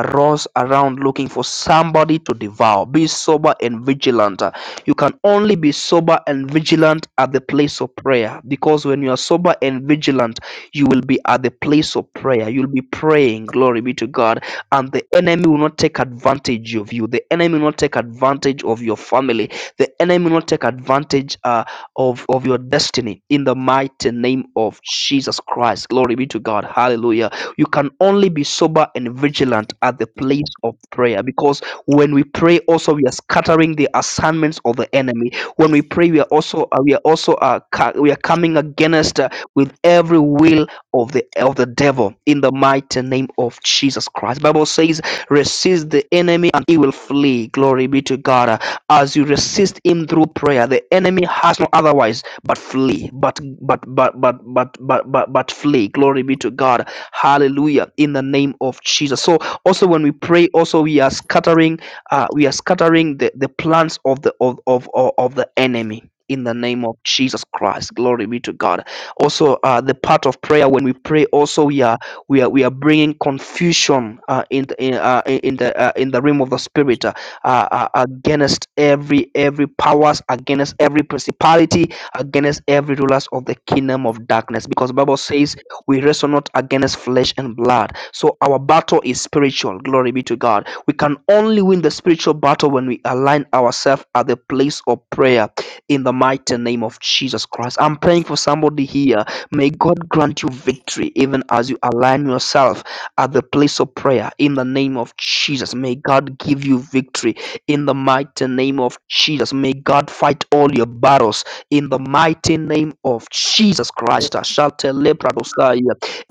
B: uh, runs around looking for somebody to devour be sober and vigilant Uh, you can only be sober and vigilant at the place of prayer because when you are sober and vigilant you will be at the place of prayer you'll be praying glory be to god and the enemy will not take advantage of you the enemy will not take advantage of your family the enemy will not take advantage uh, of, of your destiny in the mighty name of Jesus Christ. Glory be to God. Hallelujah. You can only be sober and vigilant at the place of prayer because when we pray, also we are scattering the assignments of the enemy. When we pray, we are also uh, we are also uh, ca- we are coming against uh, with every will of the of the devil in the mighty name of Jesus Christ. Bible says, resist the enemy and he will flee. Glory be to God. As you resist him through prayer, the enemy has no otherwise but flee, but but but but but but but, but flee. Glory be to God. Hallelujah. In the name of Jesus. So also when we pray, also we are scattering, uh, we are scattering the, the plans of the of, of of of the enemy. In the name of Jesus Christ, glory be to God. Also, uh, the part of prayer when we pray, also we are we are we are bringing confusion uh, in the in, uh, in the uh, in the realm of the spirit uh, uh, against every every powers against every principality against every rulers of the kingdom of darkness because the bible says we wrestle not against flesh and blood so our battle is spiritual glory be to god we can only win the spiritual battle when we align ourselves at the place of prayer in the mighty name of jesus christ i'm praying for somebody here may god grant you victory even as you align yourself at the place of prayer in the name of jesus may god give you victory in the mighty name of Jesus. May God fight all your battles in the mighty name of Jesus Christ. Ashate lepradosaya,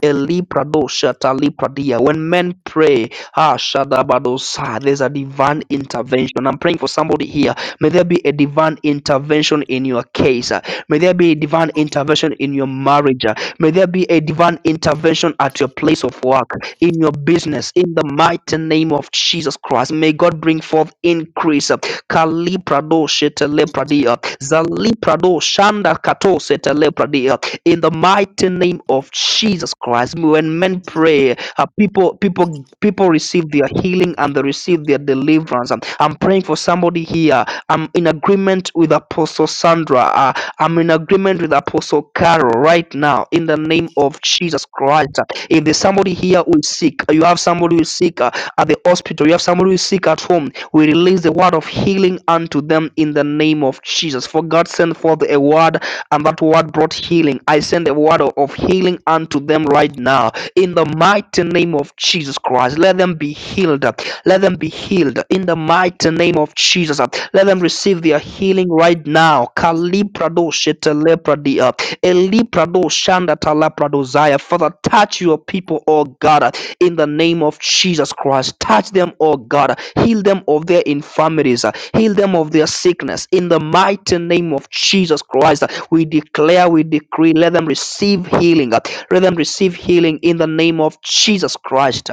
B: elipradosata lipradia. When men pray, ah, shadabadosa, there's a divine intervention. I'm praying for somebody here. May there be a divine intervention in your case. May there be a divine intervention in your marriage. May there be a divine intervention at your place of work in your business in the mighty name of Jesus Christ. May God bring forth increase. Kaliprado shetelepradia, zaliprado shanda kato setelepradia. In the mighty name of Jesus Christ, when men pray, uh, people people people receive their healing and they receive their deliverance. I'm, I'm praying for somebody here. I'm in agreement with Apostle Sandra. Uh, I'm in agreement with Apostle Carol right now in the name of Jesus Christ. If there's somebody here who is sick, you have somebody who is sick uh, at the hospital, you have somebody who is sick at home, we release the word of healing unto them in the name of Jesus. For God sent forth a word, and that word brought healing. I send a word of of healing unto them right now in the mighty name of Jesus Christ. Let them be healed. Let them be healed in the mighty name of Jesus. Let them receive their healing right now. Kaliprado shetelepradia. Eliprado shandatalapradosia. Father, touch your people, oh God, in the name of Jesus Christ. Touch them, oh God. Heal them of their infirmities. Heal them of their sickness. In the mighty name of Jesus Christ, we declare, we decree, let them receive healing. Let them receive healing in the name of Jesus Christ.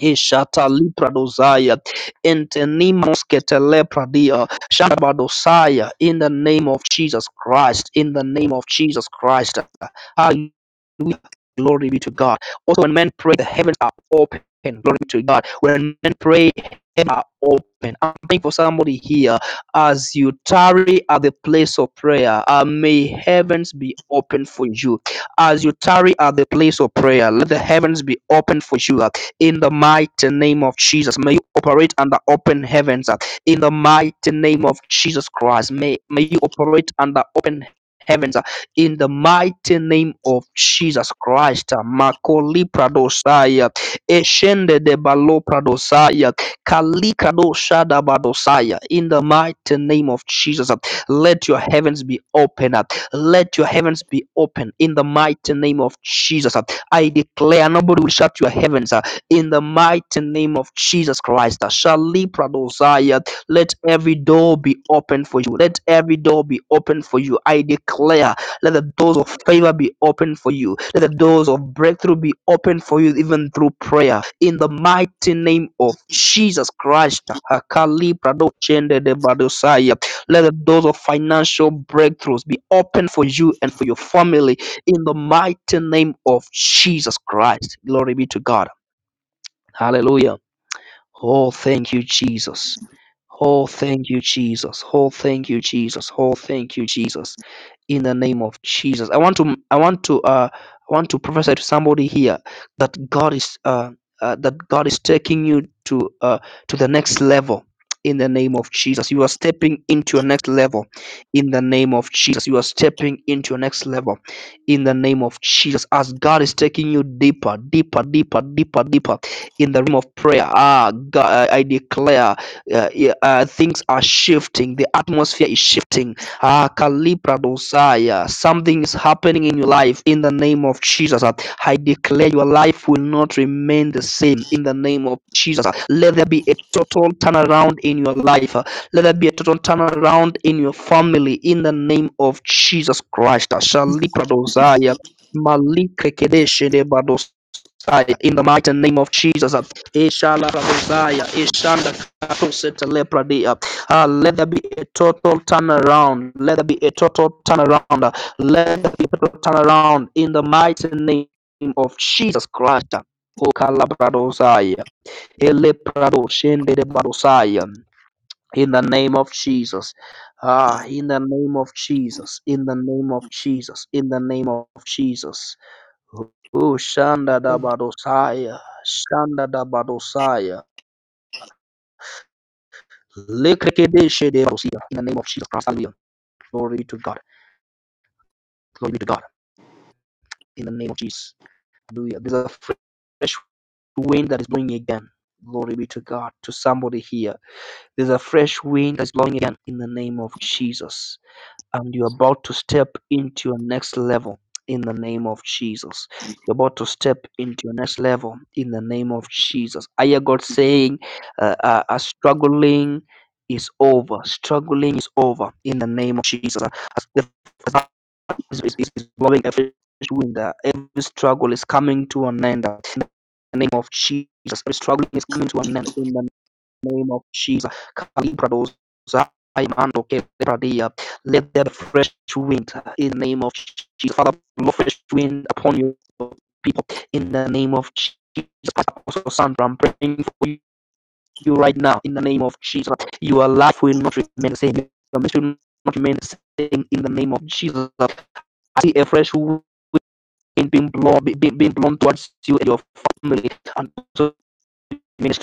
B: Ishata Lipradosaya Intenimos Ketelepradia Shabadosaya in the name of Jesus Christ. In the name of Jesus Christ. Hallelujah. Glory be to God. Also, when men pray, the heavens are open. Glory be to God. When men pray, heaven are open. I'm praying for somebody here. As you tarry at the place of prayer, uh, may heavens be open for you. As you tarry at the place of prayer, let the heavens be open for you. In the mighty name of Jesus, may you operate under open heavens. uh, In the mighty name of Jesus Christ, may, may you operate under open heavens. uh, In the mighty name of Jesus Christ, uh, Makoli Pradosaya, Eshende de Balo Pradosaya, Kalikado Shada Badosaya. In the mighty name of Jesus, uh, let your heavens be open. uh, Let your heavens be open. In the mighty name of Jesus, uh, I declare nobody will shut your heavens in the mighty name of Jesus Christ. Shalipra dosaya. Let every door be open for you. Let every door be open for you. I declare, let the doors of favor be open for you. Let the doors of breakthrough be open for you, even through prayer. In the mighty name of Jesus Christ. Hakalipra doshende de Let the doors of financial breakthroughs be open for you and for your family in the mighty name of Jesus Christ. Glory be to God. Hallelujah. Oh, thank you, Jesus. Oh, thank you, Jesus. Oh, thank you, Jesus. Oh, thank you, Jesus in the name of Jesus. I want to I want to uh I want to prophesy to somebody here that God is uh, uh that God is taking you to uh to the next level in the name of Jesus. You are stepping into your next level in the name of Jesus. You are stepping into your next level in the name of Jesus. As God is taking you deeper, deeper, deeper, deeper, deeper in the realm of prayer. Ah, God, I I declare uh, yeah, uh, things are shifting. The atmosphere is shifting Ah, Kalipradosaya, something is happening in your life in the name of Jesus. I declare your life will not remain the same in the name of Jesus. Let there be a total turnaround in your life. Let there be a total turnaround in your family in the name of Jesus Christ. Shalipradosaya, Malikrekedeshe de in the mighty name of Jesus, uh, Ishala Rabosaya, Ishanda Katoseta Lepradia. Uh, let there be a total turnaround. Let there be a total turnaround. Uh, Let there be a total turnaround in the mighty name of Jesus Christ. uh, O Kalabradosaya, Eleprado Shendedebadosaya. In the name of Jesus. Ah, in the name of Jesus. In the name of Jesus. In the name of Jesus. Oh, Shanda da Badosaya. Shanda da Badosaya. Lekedeshe de Badosia. In the name of Jesus Christ. Hallelujah. Glory to God. Glory be to God. In the name of Jesus. Hallelujah. There's a fresh wind that is blowing again. Glory be to God. To somebody here. There's a fresh wind that's blowing again. In the name of Jesus. and you're about to step into your next level in the name of Jesus. You're about to step into your next level in the name of Jesus. I hear God saying, uh, uh, uh, struggling is over. Struggling is over in the name of Jesus. As the fire is, is, is blowing every wind, uh, every struggle is coming to an end. uh, In the name of Jesus, every struggle is coming to an end. In the name of Jesus. Kalibrados, Zaimando, Kebradia. Let there be fresh wind in the name of Jesus. Father, blow fresh wind upon your people in the name of Jesus. Apostle Sandra, I'm praying for you right now in the name of Jesus. Your life will not remain the same. Your ministry will not remain the same in the name of Jesus. I see a fresh wind being blown, being blown towards you and your family and also ministry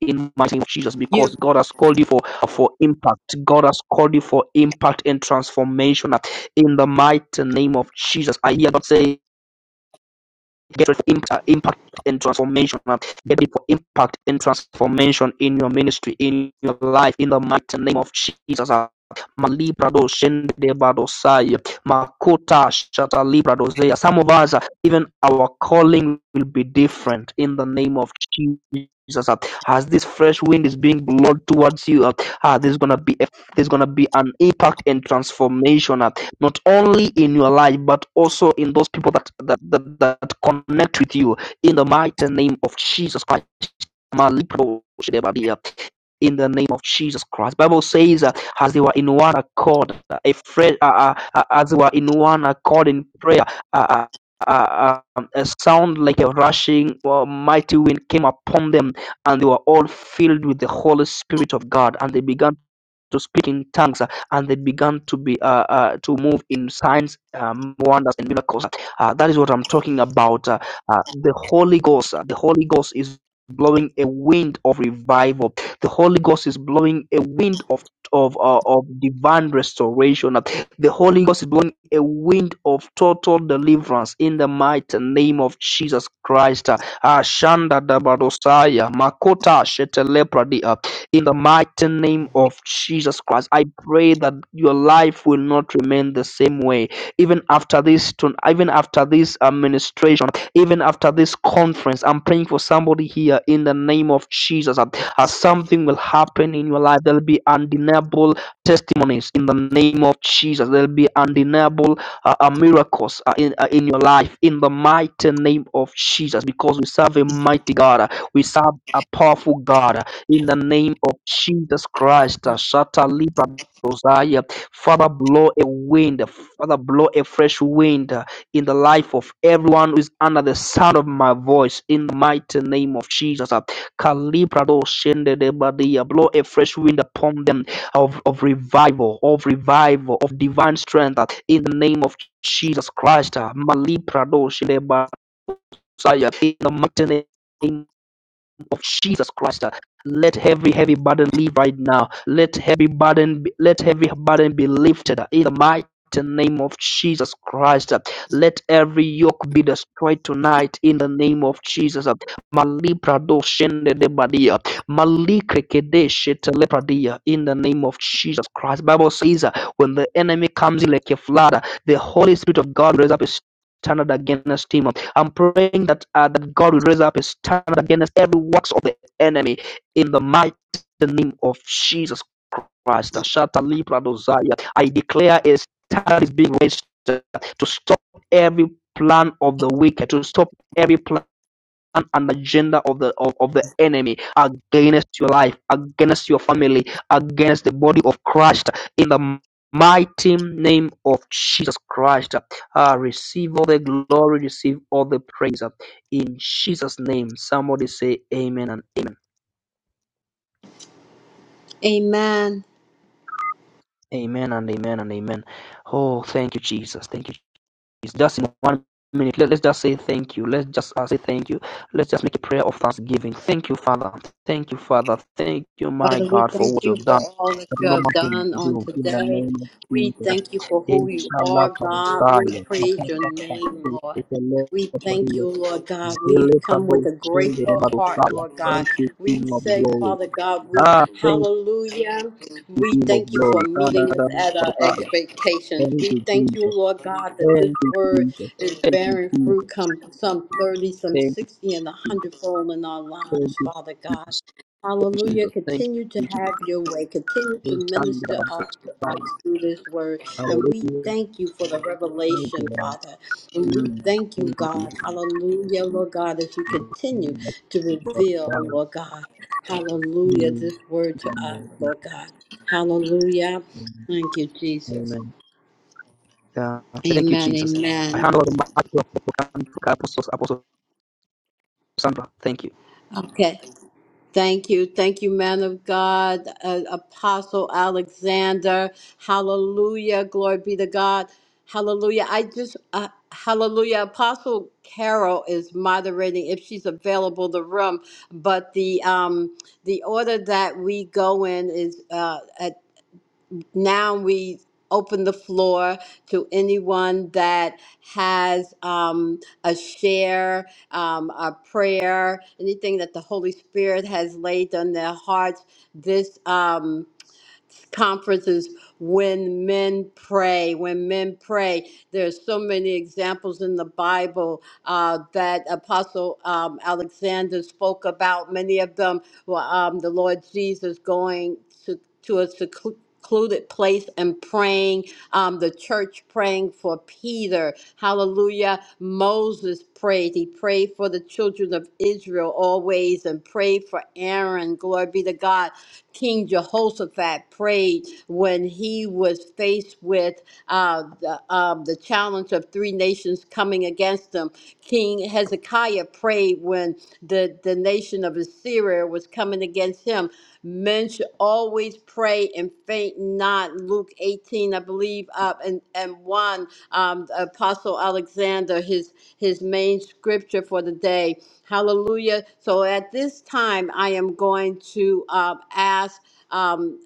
B: in mighty name of Jesus because
A: You.
B: God has called you for for impact. God has called you for impact and transformation in the mighty name of Jesus. I hear God saying Get Gateway for Impact and Transformation uh, Get ready for impact and transformation in your ministry, in your life, in the mighty name of Jesus. Malibrado Shendebadosai Makota shata, Shatalibradosea. Some of us, uh, even our calling will be different in the name of Jesus. Jesus, uh, As this fresh wind is being blown towards you, uh, ah, there's gonna be a, there's gonna be an impact and transformation. uh, not only in your life but also in those people that that, that, that connect with you in the mighty name of Jesus Christ. In the name of Jesus Christ, Bible says, uh, as they were in one accord, uh, a friend, uh, uh, uh, as they were in one accord in prayer, uh, uh, uh, um, a sound like a rushing uh, mighty wind came upon them, and they were all filled with the Holy Spirit of God, and they began to speak in tongues uh, and they began to be uh, uh, to move in signs um, wonders and miracles uh, that is what i'm talking about uh, uh, the holy ghost uh, the holy ghost is blowing a wind of revival the holy ghost is blowing a wind of of uh, of divine restoration uh, the holy ghost is blowing a wind of total deliverance in the mighty name of jesus christ uh, Ashanda Dabadosaya, Makota Shetelepradia. In the mighty name of Jesus Christ, I pray that your life will not remain the same way. Even after this, even after this administration, even after this conference, I'm praying for somebody here in the name of Jesus. That uh, something will happen in your life. There'll be undeniable testimonies in the name of Jesus. There'll be undeniable uh, uh, miracles uh, in uh, in your life in the mighty name of Jesus. Because we serve a mighty God. Uh, We serve a powerful God. In the name of Jesus Christ, Shata Libra Dosaya, Father, blow a wind, Father, blow a fresh wind uh, in the life of everyone who is under the sound of my voice, in the mighty name of Jesus. Kalibra Shende de Badia, blow a fresh wind upon them of, of revival, of revival, of divine strength, uh, in the name of Jesus Christ. Malibra Shende Badia, In the mighty name of Jesus Christ. uh, Let every heavy burden leave right now. Let every burden be, let every burden be lifted uh, in the mighty name of Jesus Christ. uh, Let every yoke be destroyed tonight in the name of Jesus. uh, Malibrado shende shete lepradia, In the name of Jesus Christ. Bible says uh, when the enemy comes in like a flood, uh, the Holy Spirit of God raises up a standard against him. I'm praying that uh, that God will raise up a standard against every works of the enemy in the mighty name of Jesus Christ. Ashata Libra Dosaya. I declare a standard is being raised to stop every plan of the wicked, to stop every plan plan and agenda of the of, of the enemy against your life, against your family, against the body of Christ in the mighty name of Jesus Christ. Uh, receive all the glory, receive all the praise uh, in Jesus' name. Somebody say amen and amen.
A: Amen.
B: Amen and amen and amen. Oh, thank you, Jesus. Thank you. is just in one minute, let, us just say thank you. Let's just uh, say thank you. Let's just make a prayer of thanksgiving. Thank you, Father. Thank you, Father. Thank you, my
A: Father, we
B: God, for
A: thank
B: what
A: you
B: you've
A: for
B: done.
A: all that you
B: No
A: have
B: man
A: done on
B: do in the
A: today.
B: name of
A: We
B: Jesus.
A: thank you for who you
B: Inshallah,
A: are,
B: Father,
A: God.
B: Zion.
A: We praise your name, Lord.
B: It's a lot
A: We
B: of
A: thank
B: prayer.
A: you, Lord God. We
B: Zele
A: come
B: Pabo,
A: with a
B: Shende,
A: grateful
B: Remado,
A: heart,
B: Zion.
A: Lord
B: Thank
A: God.
B: you, King
A: We
B: of
A: say,
B: Glory.
A: Father God, we
B: Ah, thank
A: hallelujah.
B: you,
A: We
B: King of
A: thank you for
B: Glory.
A: meeting us
B: Kanada,
A: at our
B: Father, Zion.
A: expectations.
B: Thank
A: We
B: you,
A: thank you,
B: Jesus.
A: Lord God, that
B: Thank
A: this
B: you,
A: word
B: Jesus.
A: is
B: Thank you,
A: bearing
B: Jesus.
A: fruit, come some 30, some
B: Thank
A: 60, and a
B: you, Lord.
A: hundredfold in our
B: Thank
A: lives,
B: you,
A: Father God.
B: Jesus.
A: Hallelujah. Continue to have your way. Continue to minister us to us through this word. And we
B: Hallelujah.
A: thank you for the
B: Thank you,
A: revelation,
B: Lord.
A: Father. And we
B: Mm.
A: thank you,
B: Thank you,
A: God. Hallelujah, Lord God, as you continue
B: Amen.
A: to reveal, Lord God. Hallelujah,
B: Mm.
A: this word to us, Lord God. Hallelujah. Thank you, Jesus.
B: Yeah. Thank you,
A: Amen.
B: Jesus. I
A: Amen.
B: hand the mic to Apostle Sandra. Thank you.
A: Okay. Thank you. Thank you, man of God, uh, Apostle Alexander. Hallelujah. Glory be to God. Hallelujah. I just, uh, hallelujah. Apostle Carol is moderating if she's available the room, but the um the order that we go in is uh, at now we open the floor to anyone that has um, a share, um, a prayer, anything that the Holy Spirit has laid on their hearts. This. Um, conferences when men pray when men pray there's so many examples in the bible uh, that apostle um, alexander spoke about many of them were um, the lord jesus going to, to a secluded place and praying um, the church praying for peter hallelujah moses prayed he prayed for the children of israel always and prayed for aaron glory be to god King Jehoshaphat prayed when he was faced with uh, the, um, the challenge of three nations coming against him. King Hezekiah prayed when the, the nation of Assyria was coming against him. Men should always pray and faint not. Luke 18, I believe, uh, and, and 1, um, Apostle Alexander, his, his main scripture for the day. Hallelujah. So at this time, I am going to um ask. Um,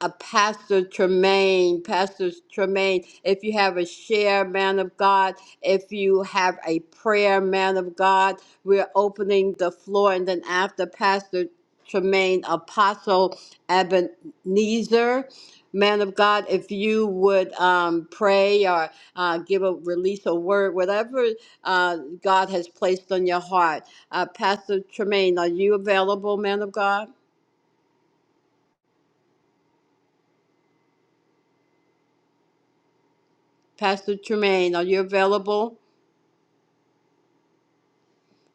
A: uh, Pastor Tremaine, Pastor Tremaine, if you have a share, man of God, if you have a prayer, man of God, we're opening the floor. And then after Pastor Tremaine, Apostle Ebenezer, man of God, if you would um, pray or uh, give a release a word, whatever uh, God has placed on your heart. Uh, Pastor Tremaine, are you available, man of God? Pastor Tremaine, are you available?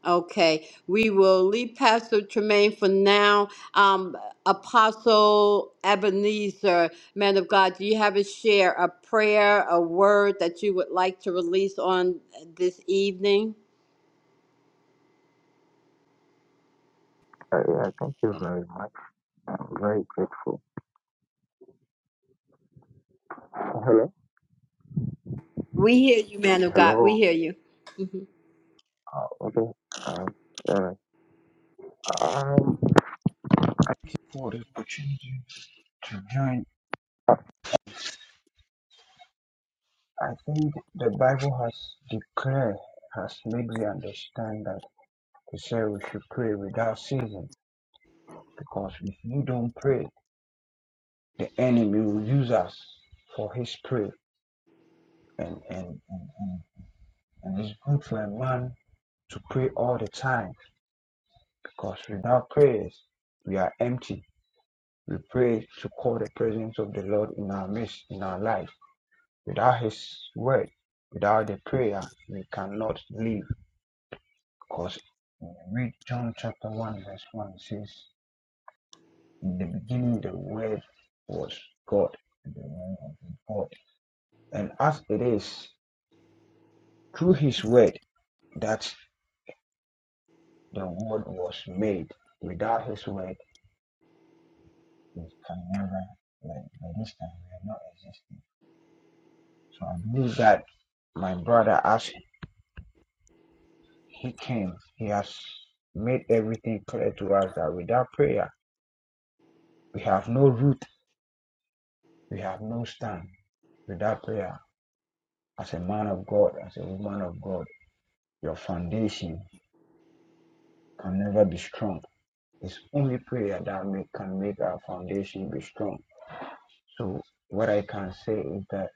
A: Okay, we will leave Pastor Tremaine for now. Um, Apostle Ebenezer, man of God, do you have a share, a prayer, a word that you would like to release on this evening?
C: Uh, yeah, thank you very much. I'm very grateful. Hello?
A: We hear you, man of God. We
C: Hello?
A: hear you. Mhm.
C: Uh, okay. Um, uh, um, for the opportunity to join, I think the Bible has declared, has made me understand that to say we should pray without ceasing because if you don't pray, the enemy will use us for his prey. And, and, and, and and it's good for a man to pray all the time because without prayers, we are empty We pray to call the presence of the Lord in our midst, in our life. Without His word, without the prayer, we cannot live. Because when you read John chapter 1, verse 1, it says, In the beginning, the word was God, and the word was with God. And as it is, through His word, that the word was made. Without His word, we can never, like, by this time, we are not existing. So I believe that my brother asked He came. He has made everything clear to us that without prayer, we have no root, we have no stand. Without prayer, as a man of God, as a woman of God, your foundation can never be strong. It's only prayer that make, can make our foundation be strong. So, what I can say is that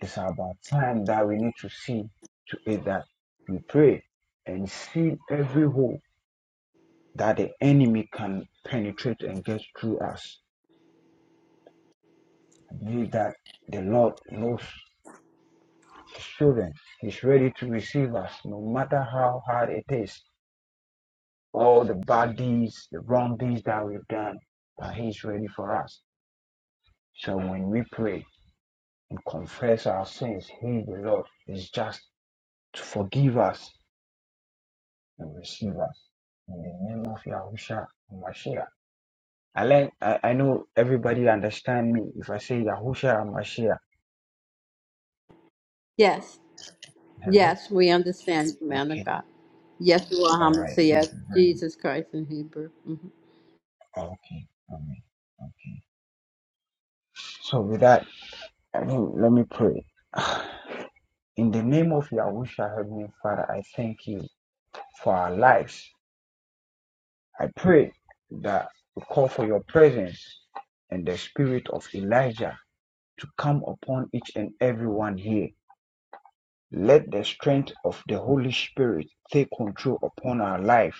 C: it's about time that we need to see to it that we pray and seal every hole that the enemy can penetrate and get through us I believe that the Lord knows His children. He's ready to receive us, no matter how hard it is. All the bad deeds, the wrong deeds that we've done, but He's ready for us. So when we pray and confess our sins, He, the Lord, is just to forgive us and receive us. In the name of Yahusha Mashiach. I, learn, I, I know everybody understand me if I say Yahusha Mashiach.
A: Yes,
C: Hello?
A: yes, we understand you, man of
C: Okay.
A: God. Yes, you are
C: All right. Thank
A: homicide.
C: you very much.
A: Jesus Christ in Hebrew.
C: Okay. Amen. Okay. So with that, I mean, let me pray. In the name of Yahusha, Heavenly Father, I thank you for our lives. I pray that we call for your presence and the spirit of Elijah to come upon each and every one here. Let the strength of the Holy Spirit take control upon our life.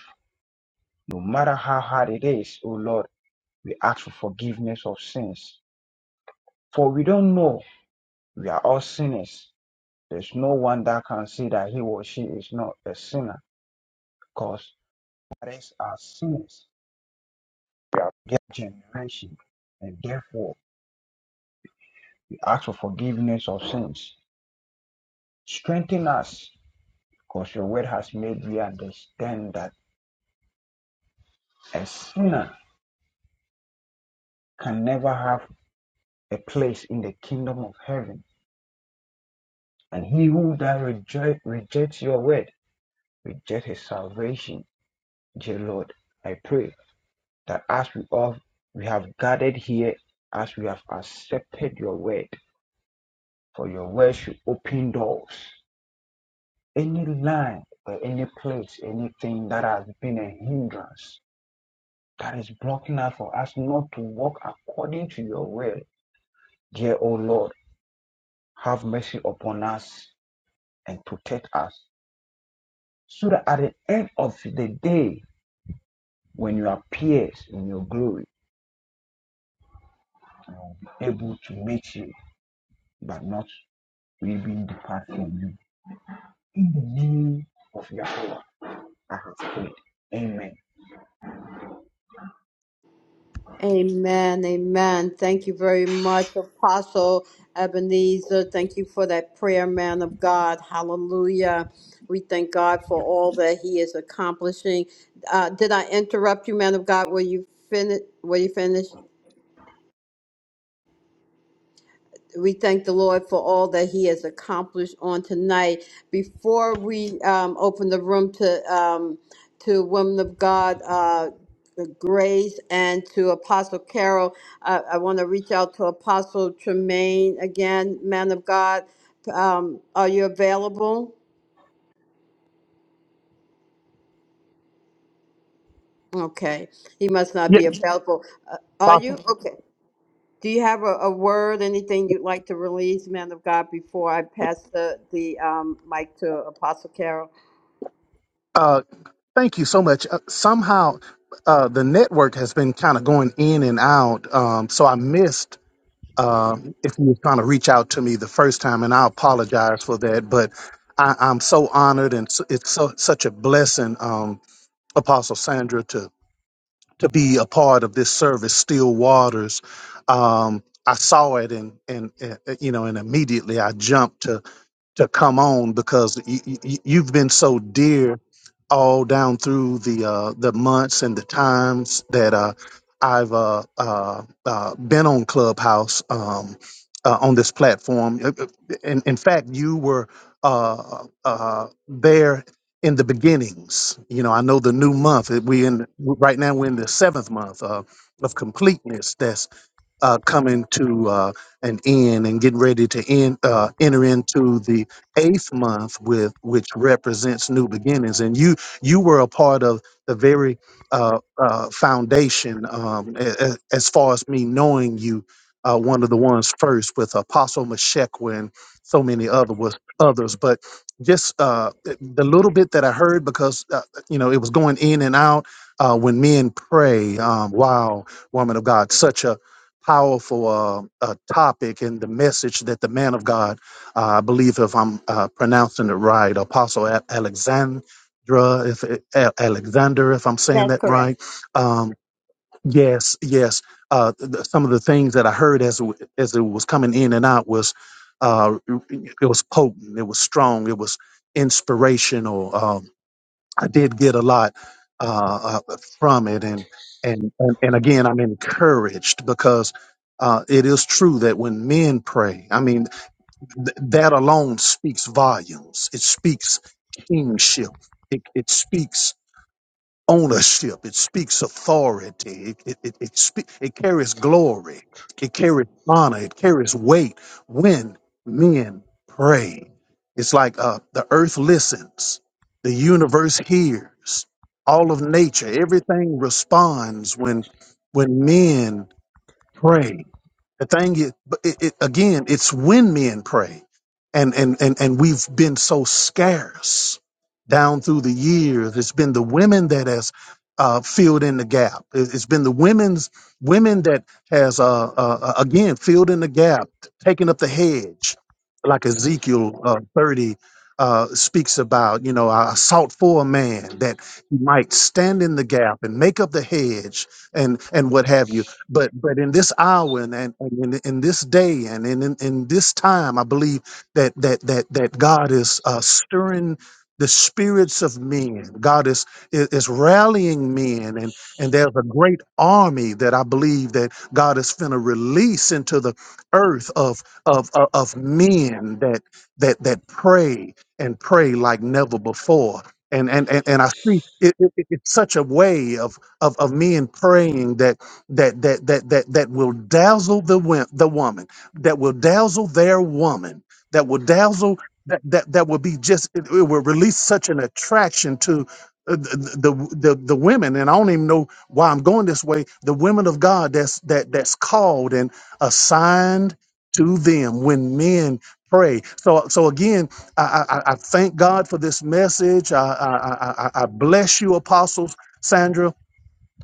C: No matter how hard it is, O Lord, we ask for forgiveness of sins. For we don't know we are all sinners There's no one that can see that he or she is not a sinner because others are sinners. We are their generation and therefore we ask for forgiveness of sins. Strengthen us because your word has made we understand that a sinner can never have a place in the kingdom of heaven. And he who that reject, rejects your word, reject his salvation. Dear Lord, I pray that as we all we have gathered here, as we have accepted your word, for your word should open doors. Any line or any place, anything that has been a hindrance that is blocking us for us not to walk according to your will, dear O Lord, have mercy upon us and protect us, so that at the end of the day, when you appear in your glory, able to meet you, but not we being depart from you. in the name of Yahweh. I have prayed. Amen.
A: Amen. Amen. Thank you very much, Apostle Ebenezer. Thank you for that prayer, man of God. Hallelujah. We thank God for all that He is accomplishing. Uh, did I interrupt you, man of God? Were you finished? Were you finished? We thank the Lord for all that He has accomplished on tonight. Before we um, open the room to um, to women of God, uh, Grace, and to Apostle Carol, I, I want to reach out to Apostle Tremaine again, man of God. Um, are you available? Okay, he must not
D: Yeah,
A: be available. Uh, are
D: Apostle.
A: you okay? Do you have a, a word, anything you'd like to release, man of God, before I pass the the um, mic to Apostle Carol?
D: Uh, thank you so much. Uh, somehow, uh, the network has been kind of going in and out, um, so I missed um, if you were trying to reach out to me the first time, and I apologize for that. But I, I'm so honored, and s- it's so, such a blessing, um, Apostle Sandra, to to be a part of this service, Still Waters. Um, I saw it, and and uh, you know, and immediately I jumped to to come on because you, you, you've been so dear all down through the uh, the months and the times that uh, I've uh, uh, uh, been on Clubhouse um, uh, on this platform. Uh, uh, In, in fact, you were uh, uh, there in the beginnings. You know, I know the new month. uh, We in right now. We're in the seventh month uh, of completeness uh, coming to uh, an end and getting ready to end, uh, enter into the eighth month with which represents new beginnings. And you you were a part of the very uh, uh, foundation um, a- a- as far as me knowing you. Uh, one of the ones first with Apostle Meshekwa and so many other was others, but just uh, th- the little bit that I heard because uh, you know it was going in and out uh, when men pray. Um, wow, woman of God, such a powerful uh, uh, topic and the message that the man of God, uh, I believe, if I'm uh, pronouncing it right, Apostle A- Alexandra, if it- A- Alexander, if I'm saying that right. Um, yes, yes. Uh, th- some of the things that I heard as it, w- as it was coming in and out was uh, it was potent, it was strong, it was inspirational. um. I did get a lot uh, uh, from it, and and and, and again, I'm encouraged because. Uh, it is true that when men pray, I mean, th- that alone speaks volumes. It speaks kingship. It, it speaks ownership. It speaks authority. It, it, it, it, spe- it carries glory. It carries honor. It carries weight when men pray. It's like uh, the earth listens, the universe hears, all of nature, everything responds when when men pray. The thing is, but it, it, again, it's when men pray, and and and and we've been so scarce down through the years. It's been the women that has uh, filled in the gap. It- It's been the women's women that has uh, uh, uh, again filled in the gap, taking up the hedge, like Ezekiel uh, thirty. Uh, speaks about, you know, I sought for a man that he might stand in the gap and make up the hedge and and what have you but but in this hour and, and, and in, in this day and in, in in this time i believe that that that that god is uh, stirring the spirits of men god is, is is rallying men and and there's a great army that i believe that god is finna release into the earth of of of, of men that that that pray and pray like never before and and and, and i see it, it, it- it's such a way of of of men praying that that that that that that will dazzle the wo- the woman, that will dazzle their woman, that will dazzle that that, that will be just it, it will release such an attraction to uh, the, the the the women and I don't even know why I'm going this way the women of God that's that that's called and assigned to them when men pray so so again I I, I I thank God for this message I I, I I I bless you apostles Sandra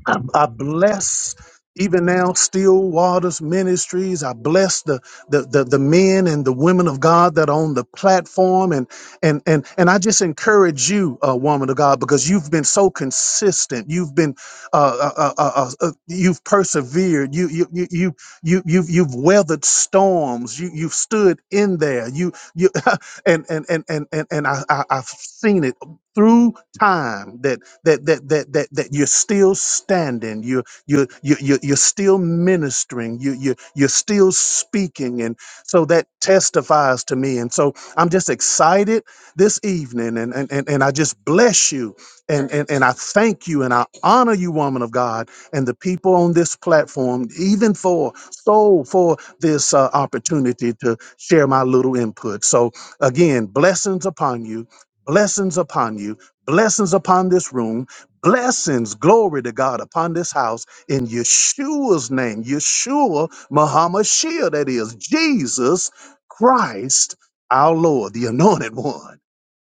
D: I, I bless even now Still Waters Ministries. I bless the, the the the men and the women of God that are on the platform, and and and and I just encourage you, uh, woman of God, because you've been so consistent. You've been uh, uh, uh, uh, uh, uh, you've persevered. You you you you you you've, you've weathered storms. You you've stood in there. You you and and and and and, and I, I I've seen it through time that that that that that, that you're still standing you you you you you're still ministering you you you're still speaking and so that testifies to me and so i'm just excited this evening and and and, and i just bless you and, and and i thank you and i honor you woman of god and the people on this platform even for so for this uh, opportunity to share my little input so again blessings upon you blessings upon you, blessings upon this room, blessings, glory to God, upon this house in Yeshua's name, Yeshua, Muhammad Shia, that is Jesus Christ, our Lord, the anointed one,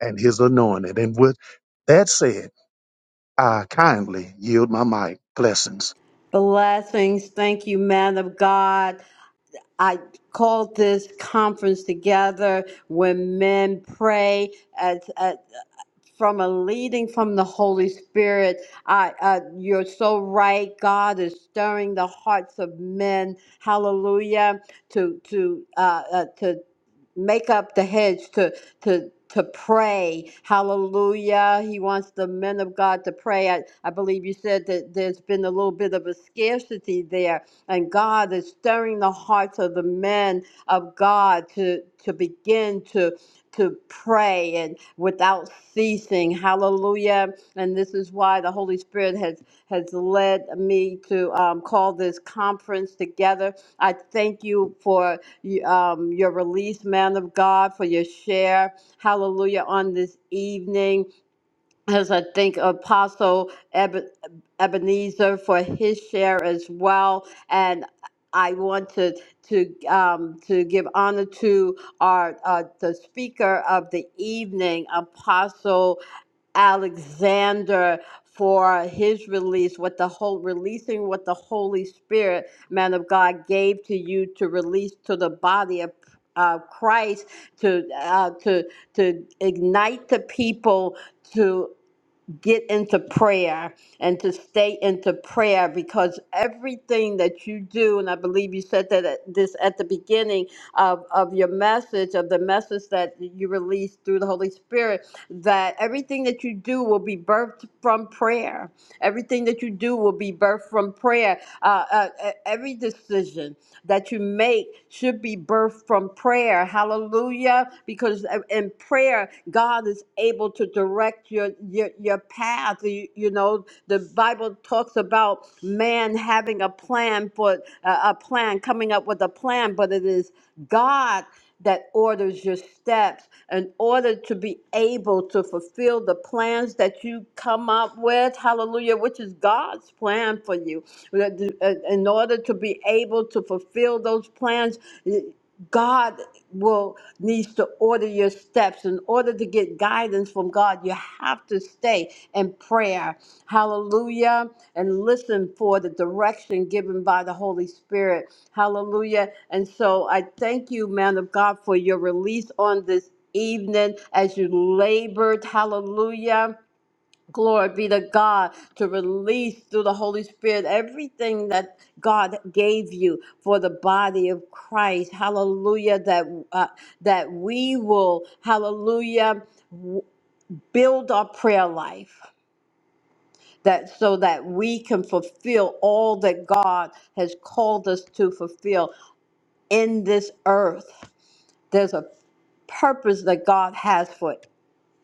D: and his anointed. And with that said, I kindly yield my mic. Blessings.
A: Blessings. Thank you, man of God. I called this conference together when men pray from a leading from the Holy Spirit. I, uh, you're so right. God is stirring the hearts of men. Hallelujah! To to uh, uh, to make up the hedge to to to pray hallelujah he wants the men of god to pray I, I believe you said that there's been a little bit of a scarcity there and god is stirring the hearts of the men of god to to begin to to pray and without ceasing. Hallelujah. And this is why the Holy Spirit has, has led me to um, call this conference together. I thank you for um, your release, man of God, for your share. Hallelujah on this evening as I thank Apostle Eben- Ebenezer for his share as well. And I want to to um, to give honor to our uh, the speaker of the evening, Apostle Alexander. For his release, what the whole releasing what the Holy Spirit, man of God, gave to you to release to the body of uh, Christ, to uh, to to ignite the people to get into prayer and to stay into prayer because everything that you do, and I believe you said that at this at the beginning of, of your message, of the message that you released through the Holy Spirit, that everything that you do will be birthed from prayer. Everything that you do will be birthed from prayer. Uh, uh, e- every decision, that you make should be birthed from prayer. Hallelujah. Because uh, in prayer, God is able to direct your your, your path. You, you know, the Bible talks about man having a plan for uh, a plan, coming up with a plan, but it is God that orders your steps in order to be able to fulfill the plans that you come up with. Hallelujah, which is God's plan for you. In order to be able to fulfill those plans, God will needs to order your steps. In order to get guidance from God, you have to stay in prayer. Hallelujah. And listen for the direction given by the Holy Spirit. Hallelujah. And so I thank you, man of God, for your release on this evening as you labored. Hallelujah Glory be to God to release through the Holy Spirit everything that God gave you for the body of Christ. Hallelujah. That uh, that we will, Hallelujah, w- build our prayer life. That so that we can fulfill all that God has called us to fulfill in this earth. There's a purpose that God has for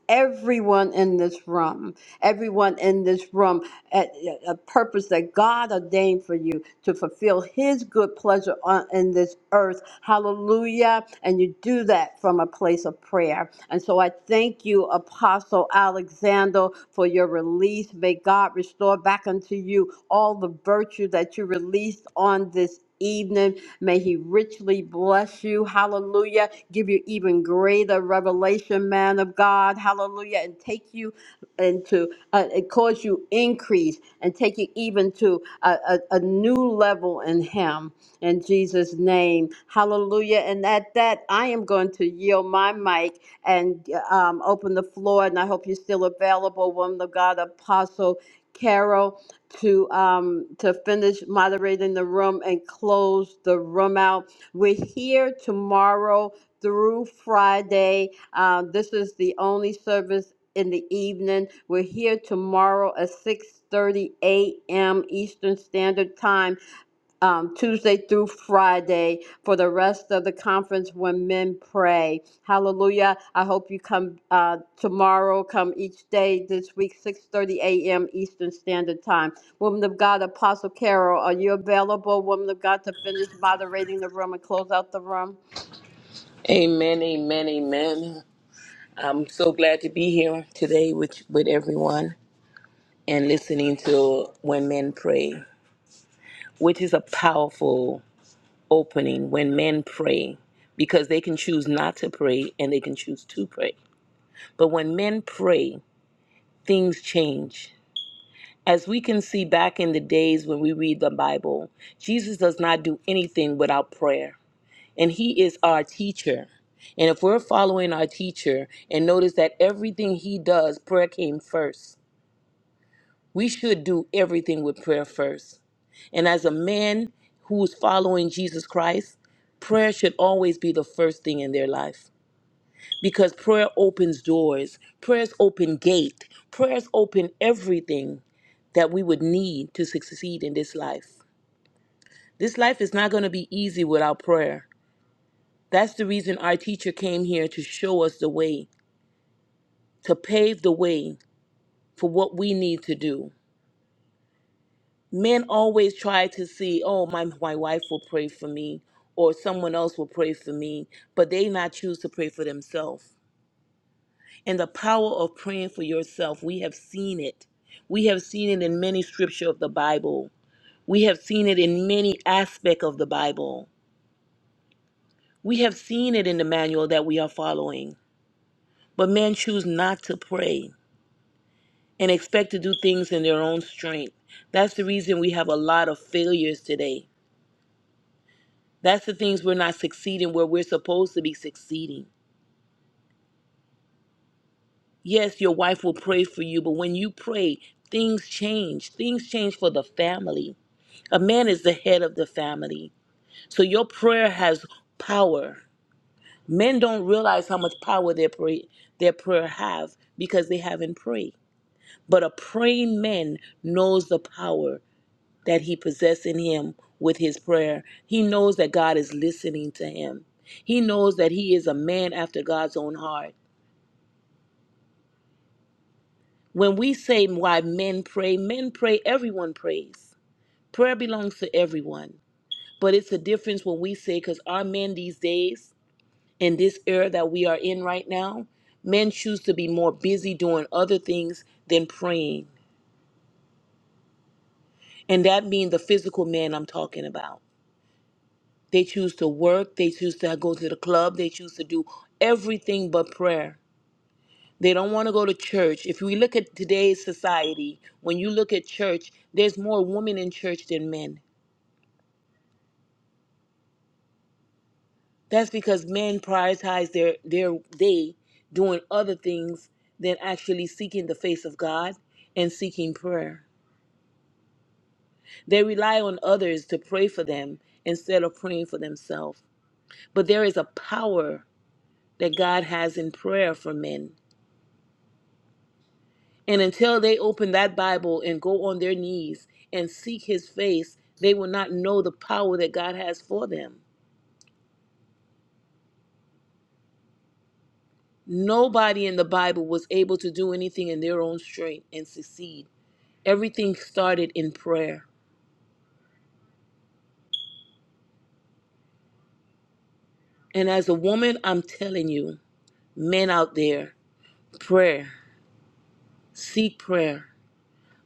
A: everyone in this room. Everyone in this room at a purpose that God ordained for you to fulfill His good pleasure on in this earth. Hallelujah! And you do that from a place of prayer. And so I thank you, Apostle Alexander, for your release. May God restore back unto you all the virtue that you released on this. Evening, may he richly bless you. Hallelujah. Give you even greater revelation, man of God. Hallelujah. And take you and to uh, it cause you increase and take you even to a, a, a new level in him in jesus name hallelujah and at that i am going to yield my mic and um, open the floor and i hope you're still available woman of god apostle carol to um, to finish moderating the room and close the room out we're here tomorrow through friday uh, this is the only service in the evening. We're here tomorrow at 6:30 a.m. Eastern Standard Time, um, Tuesday through Friday, for the rest of the conference when men pray. Hallelujah! I hope you come uh, tomorrow. Come each day this week, 6:30 a.m. Eastern Standard Time. Woman of God, Apostle Carol, are you available, Woman of God, to finish moderating the room and close out the room?
E: Amen, amen, amen. I'm so glad to be here today with, with everyone and listening to When Men Pray, which is a powerful opening when men pray because they can choose not to pray and they can choose to pray. But when men pray, things change. As we can see back in the days when we read the Bible, Jesus does not do anything without prayer. and he is our teacher. And if we're following our teacher and notice that everything he does, prayer came first. We should do everything with prayer first. And as a man who is following Jesus Christ, prayer should always be the first thing in their life because prayer opens doors, prayers open gate, prayers open everything that we would need to succeed in this life. This life is not going to be easy without prayer. That's the reason our teacher came here to show us the way, to pave the way for what we need to do. Men always try to see, oh, my, my wife will pray for me or someone else will pray for me, but they not choose to pray for themselves. And the power of praying for yourself, we have seen it. We have seen it in many scripture of the Bible. We have seen it in many aspect of the Bible. We have seen it in the manual that we are following. But men choose not to pray. and expect to do things in their own strength. That's the reason we have a lot of failures today. That's the things we're not succeeding where we're supposed to be succeeding. Yes, your wife will pray for you, but when you pray, things change. Things change for the family. A man is the head of the family. So your prayer has power. Men don't realize how much power their pray, their prayer have because they haven't prayed. But a praying man knows the power. that he possessed in him with his prayer. He knows that God is listening to him. He knows that he is a man after God's own heart. When we say why men pray, men pray, everyone prays. Prayer belongs to everyone. But it's a difference when we say, because our men these days, in this era that we are in right now, men choose to be more busy doing other things than praying. And that means the physical man I'm talking about. They choose to work. They choose to go to the club. They choose to do everything but prayer. They don't want to go to church. If we look at today's society, when you look at church, there's more women in church than men. That's because men prioritize their, their day doing other things than actually seeking the face of God and seeking prayer. They rely on others to pray for them instead of praying for themselves. But there is a power that God has in prayer for men And until they open that Bible and go on their knees and seek his face, they will not know the power that God has for them. Nobody in the Bible was able to do anything in their own strength and succeed. Everything started in prayer. And as a woman, I'm telling you, men out there, prayer, seek prayer,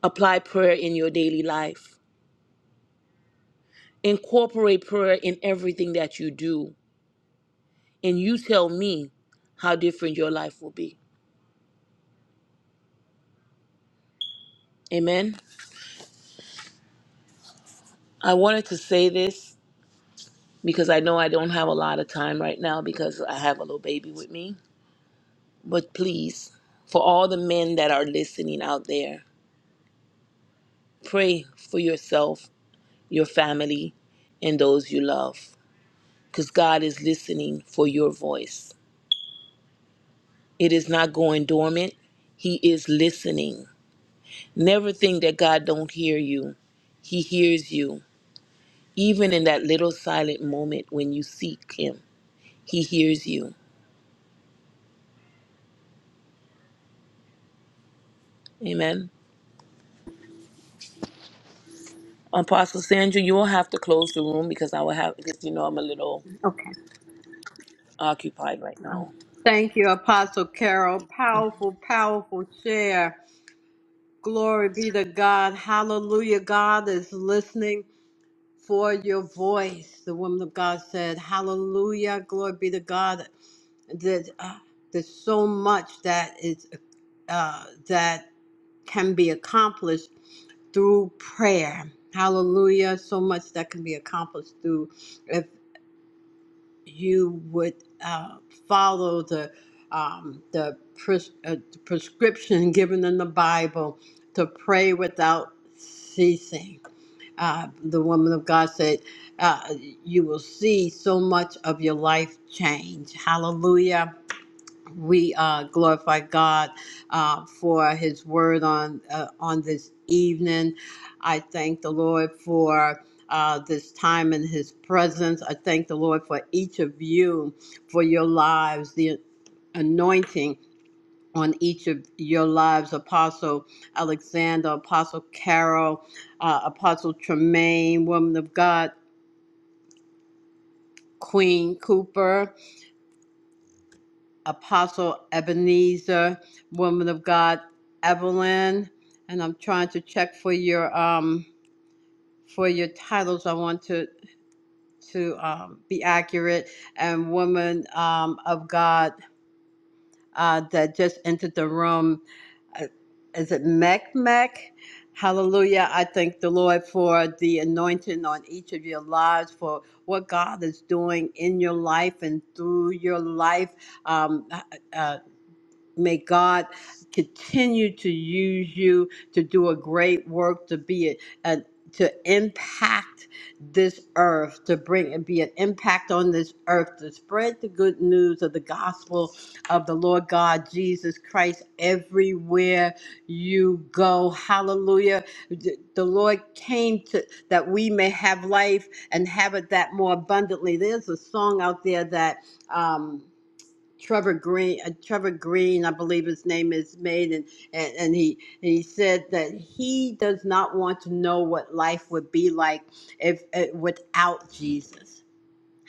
E: apply prayer in your daily life, incorporate prayer in everything that you do. And you tell me how different your life will be. Amen. I wanted to say this because I know I don't have a lot of time right now because I have a little baby with me. But please, for all the men that are listening out there, pray for yourself, your family, and those you love because God is listening for your voice. It is not going dormant. He is listening. Never think that God don't hear you. He hears you. Even in that little silent moment when you seek him, he hears you. Amen. Apostle Sandra, you will have to close the room because I will have because you know I'm a little
A: Okay.
E: occupied right
A: um,
E: now.
A: Thank you, Apostle Carol. Powerful, powerful share. Glory be to God. Hallelujah. God is listening for your voice. The woman of God said, Hallelujah. Glory be to God. That uh, there's so much that is uh, that can be accomplished through prayer. Hallelujah. So much that can be accomplished through if you would uh, follow the um, the pres- uh, the prescription given in the Bible to pray without ceasing. Uh, the woman of God said, uh, "You will see so much of your life change." Hallelujah we uh, glorify God uh, for His Word on uh, on this evening. I thank the Lord for. Uh, this time in his presence. I thank the Lord for each of you, for your lives, the anointing on each of your lives Apostle Alexander, Apostle Carol, uh, Apostle Tremaine, Woman of God, Queen Cooper. Apostle Ebenezer, woman of God, Evelyn, and I'm trying to check for your um for your titles. I want to to um, be accurate. And woman um, of God uh, that just entered the room, Uh, is it Mech Mech? Hallelujah! I thank the Lord for the anointing on each of your lives, for what God is doing in your life and through your life. Um, uh, uh, May God continue to use you to do a great work, to be a, a- to impact this earth, to bring and be an impact on this earth, to spread the good news of the gospel of the Lord God Jesus Christ everywhere you go. Hallelujah. The the Lord came to that we may have life and have it that more abundantly. There's a song out there that um Trevor Green, uh, Trevor Green, I believe his name is made, and, and, and he he said that he does not want to know what life would be like if uh, without Jesus.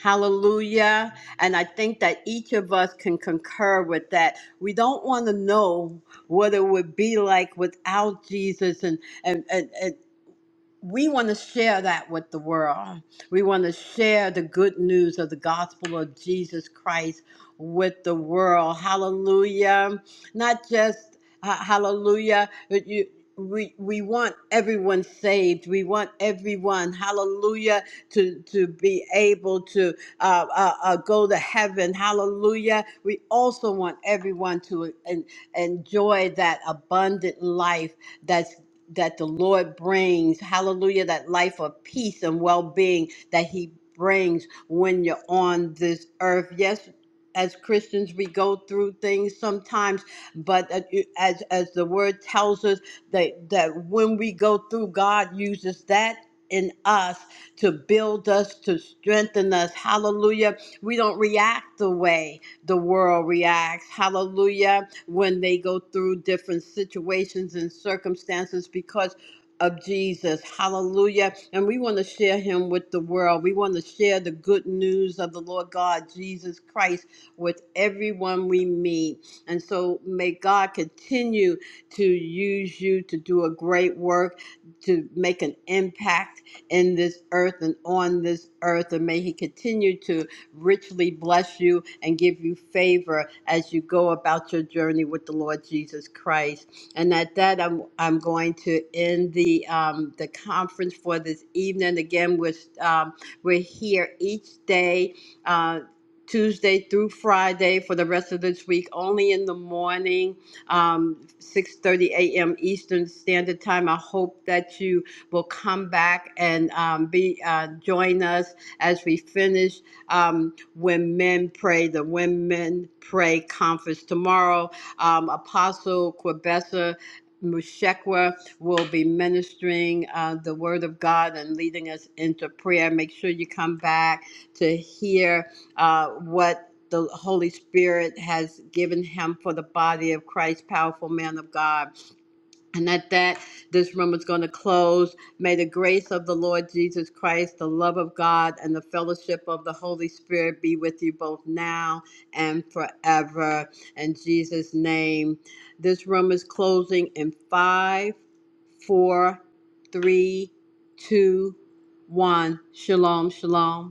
A: Hallelujah! And I think that each of us can concur with that. We don't want to know what it would be like without Jesus, and and and, and, we want to share that with the world. We want to share the good news of the gospel of Jesus Christ with the world. Hallelujah. Not just uh, hallelujah, but you we we want everyone saved. We want everyone, hallelujah, to to be able to uh, uh, uh, go to heaven. Hallelujah. We also want everyone to en- enjoy that abundant life that's that the Lord brings, hallelujah, that life of peace and well being that He brings when you're on this earth. Yes, as Christians, we go through things sometimes, but uh, you- as, as the word tells us, that, that when we go through, God uses that in us to build us, to strengthen us. Hallelujah. We don't react the way the world reacts. Hallelujah when they go through different situations and circumstances because of Jesus. Hallelujah. And we want to share him with the world. We want to share the good news of the Lord God, Jesus Christ, with everyone we meet. And so may God continue to use you to do a great work, to make an impact in this earth and on this earth. And may he continue to richly bless you and give you favor as you go about your journey with the Lord Jesus Christ. And at that, I'm I'm going to end the um, the conference for this evening. Again, we're um, we're here each day. Uh, Tuesday through Friday for the rest of this week, only in the morning, um, 6:30 a.m. Eastern Standard Time. I hope that you will come back and um, be uh, join us as we finish um, When Men Pray, the Women Pray Conference tomorrow. Um, Apostle Quebessa Mushekwa will be ministering uh, the Word of God and leading us into prayer. Make sure you come back to hear uh, what the Holy Spirit has given him for the body of Christ, powerful man of God. And at that, this room is going to close. May the grace of the Lord Jesus Christ, the love of God, and the fellowship of the Holy Spirit be with you both now and forever. In Jesus' name. This room is closing in five, four, three, two, one. Shalom, shalom.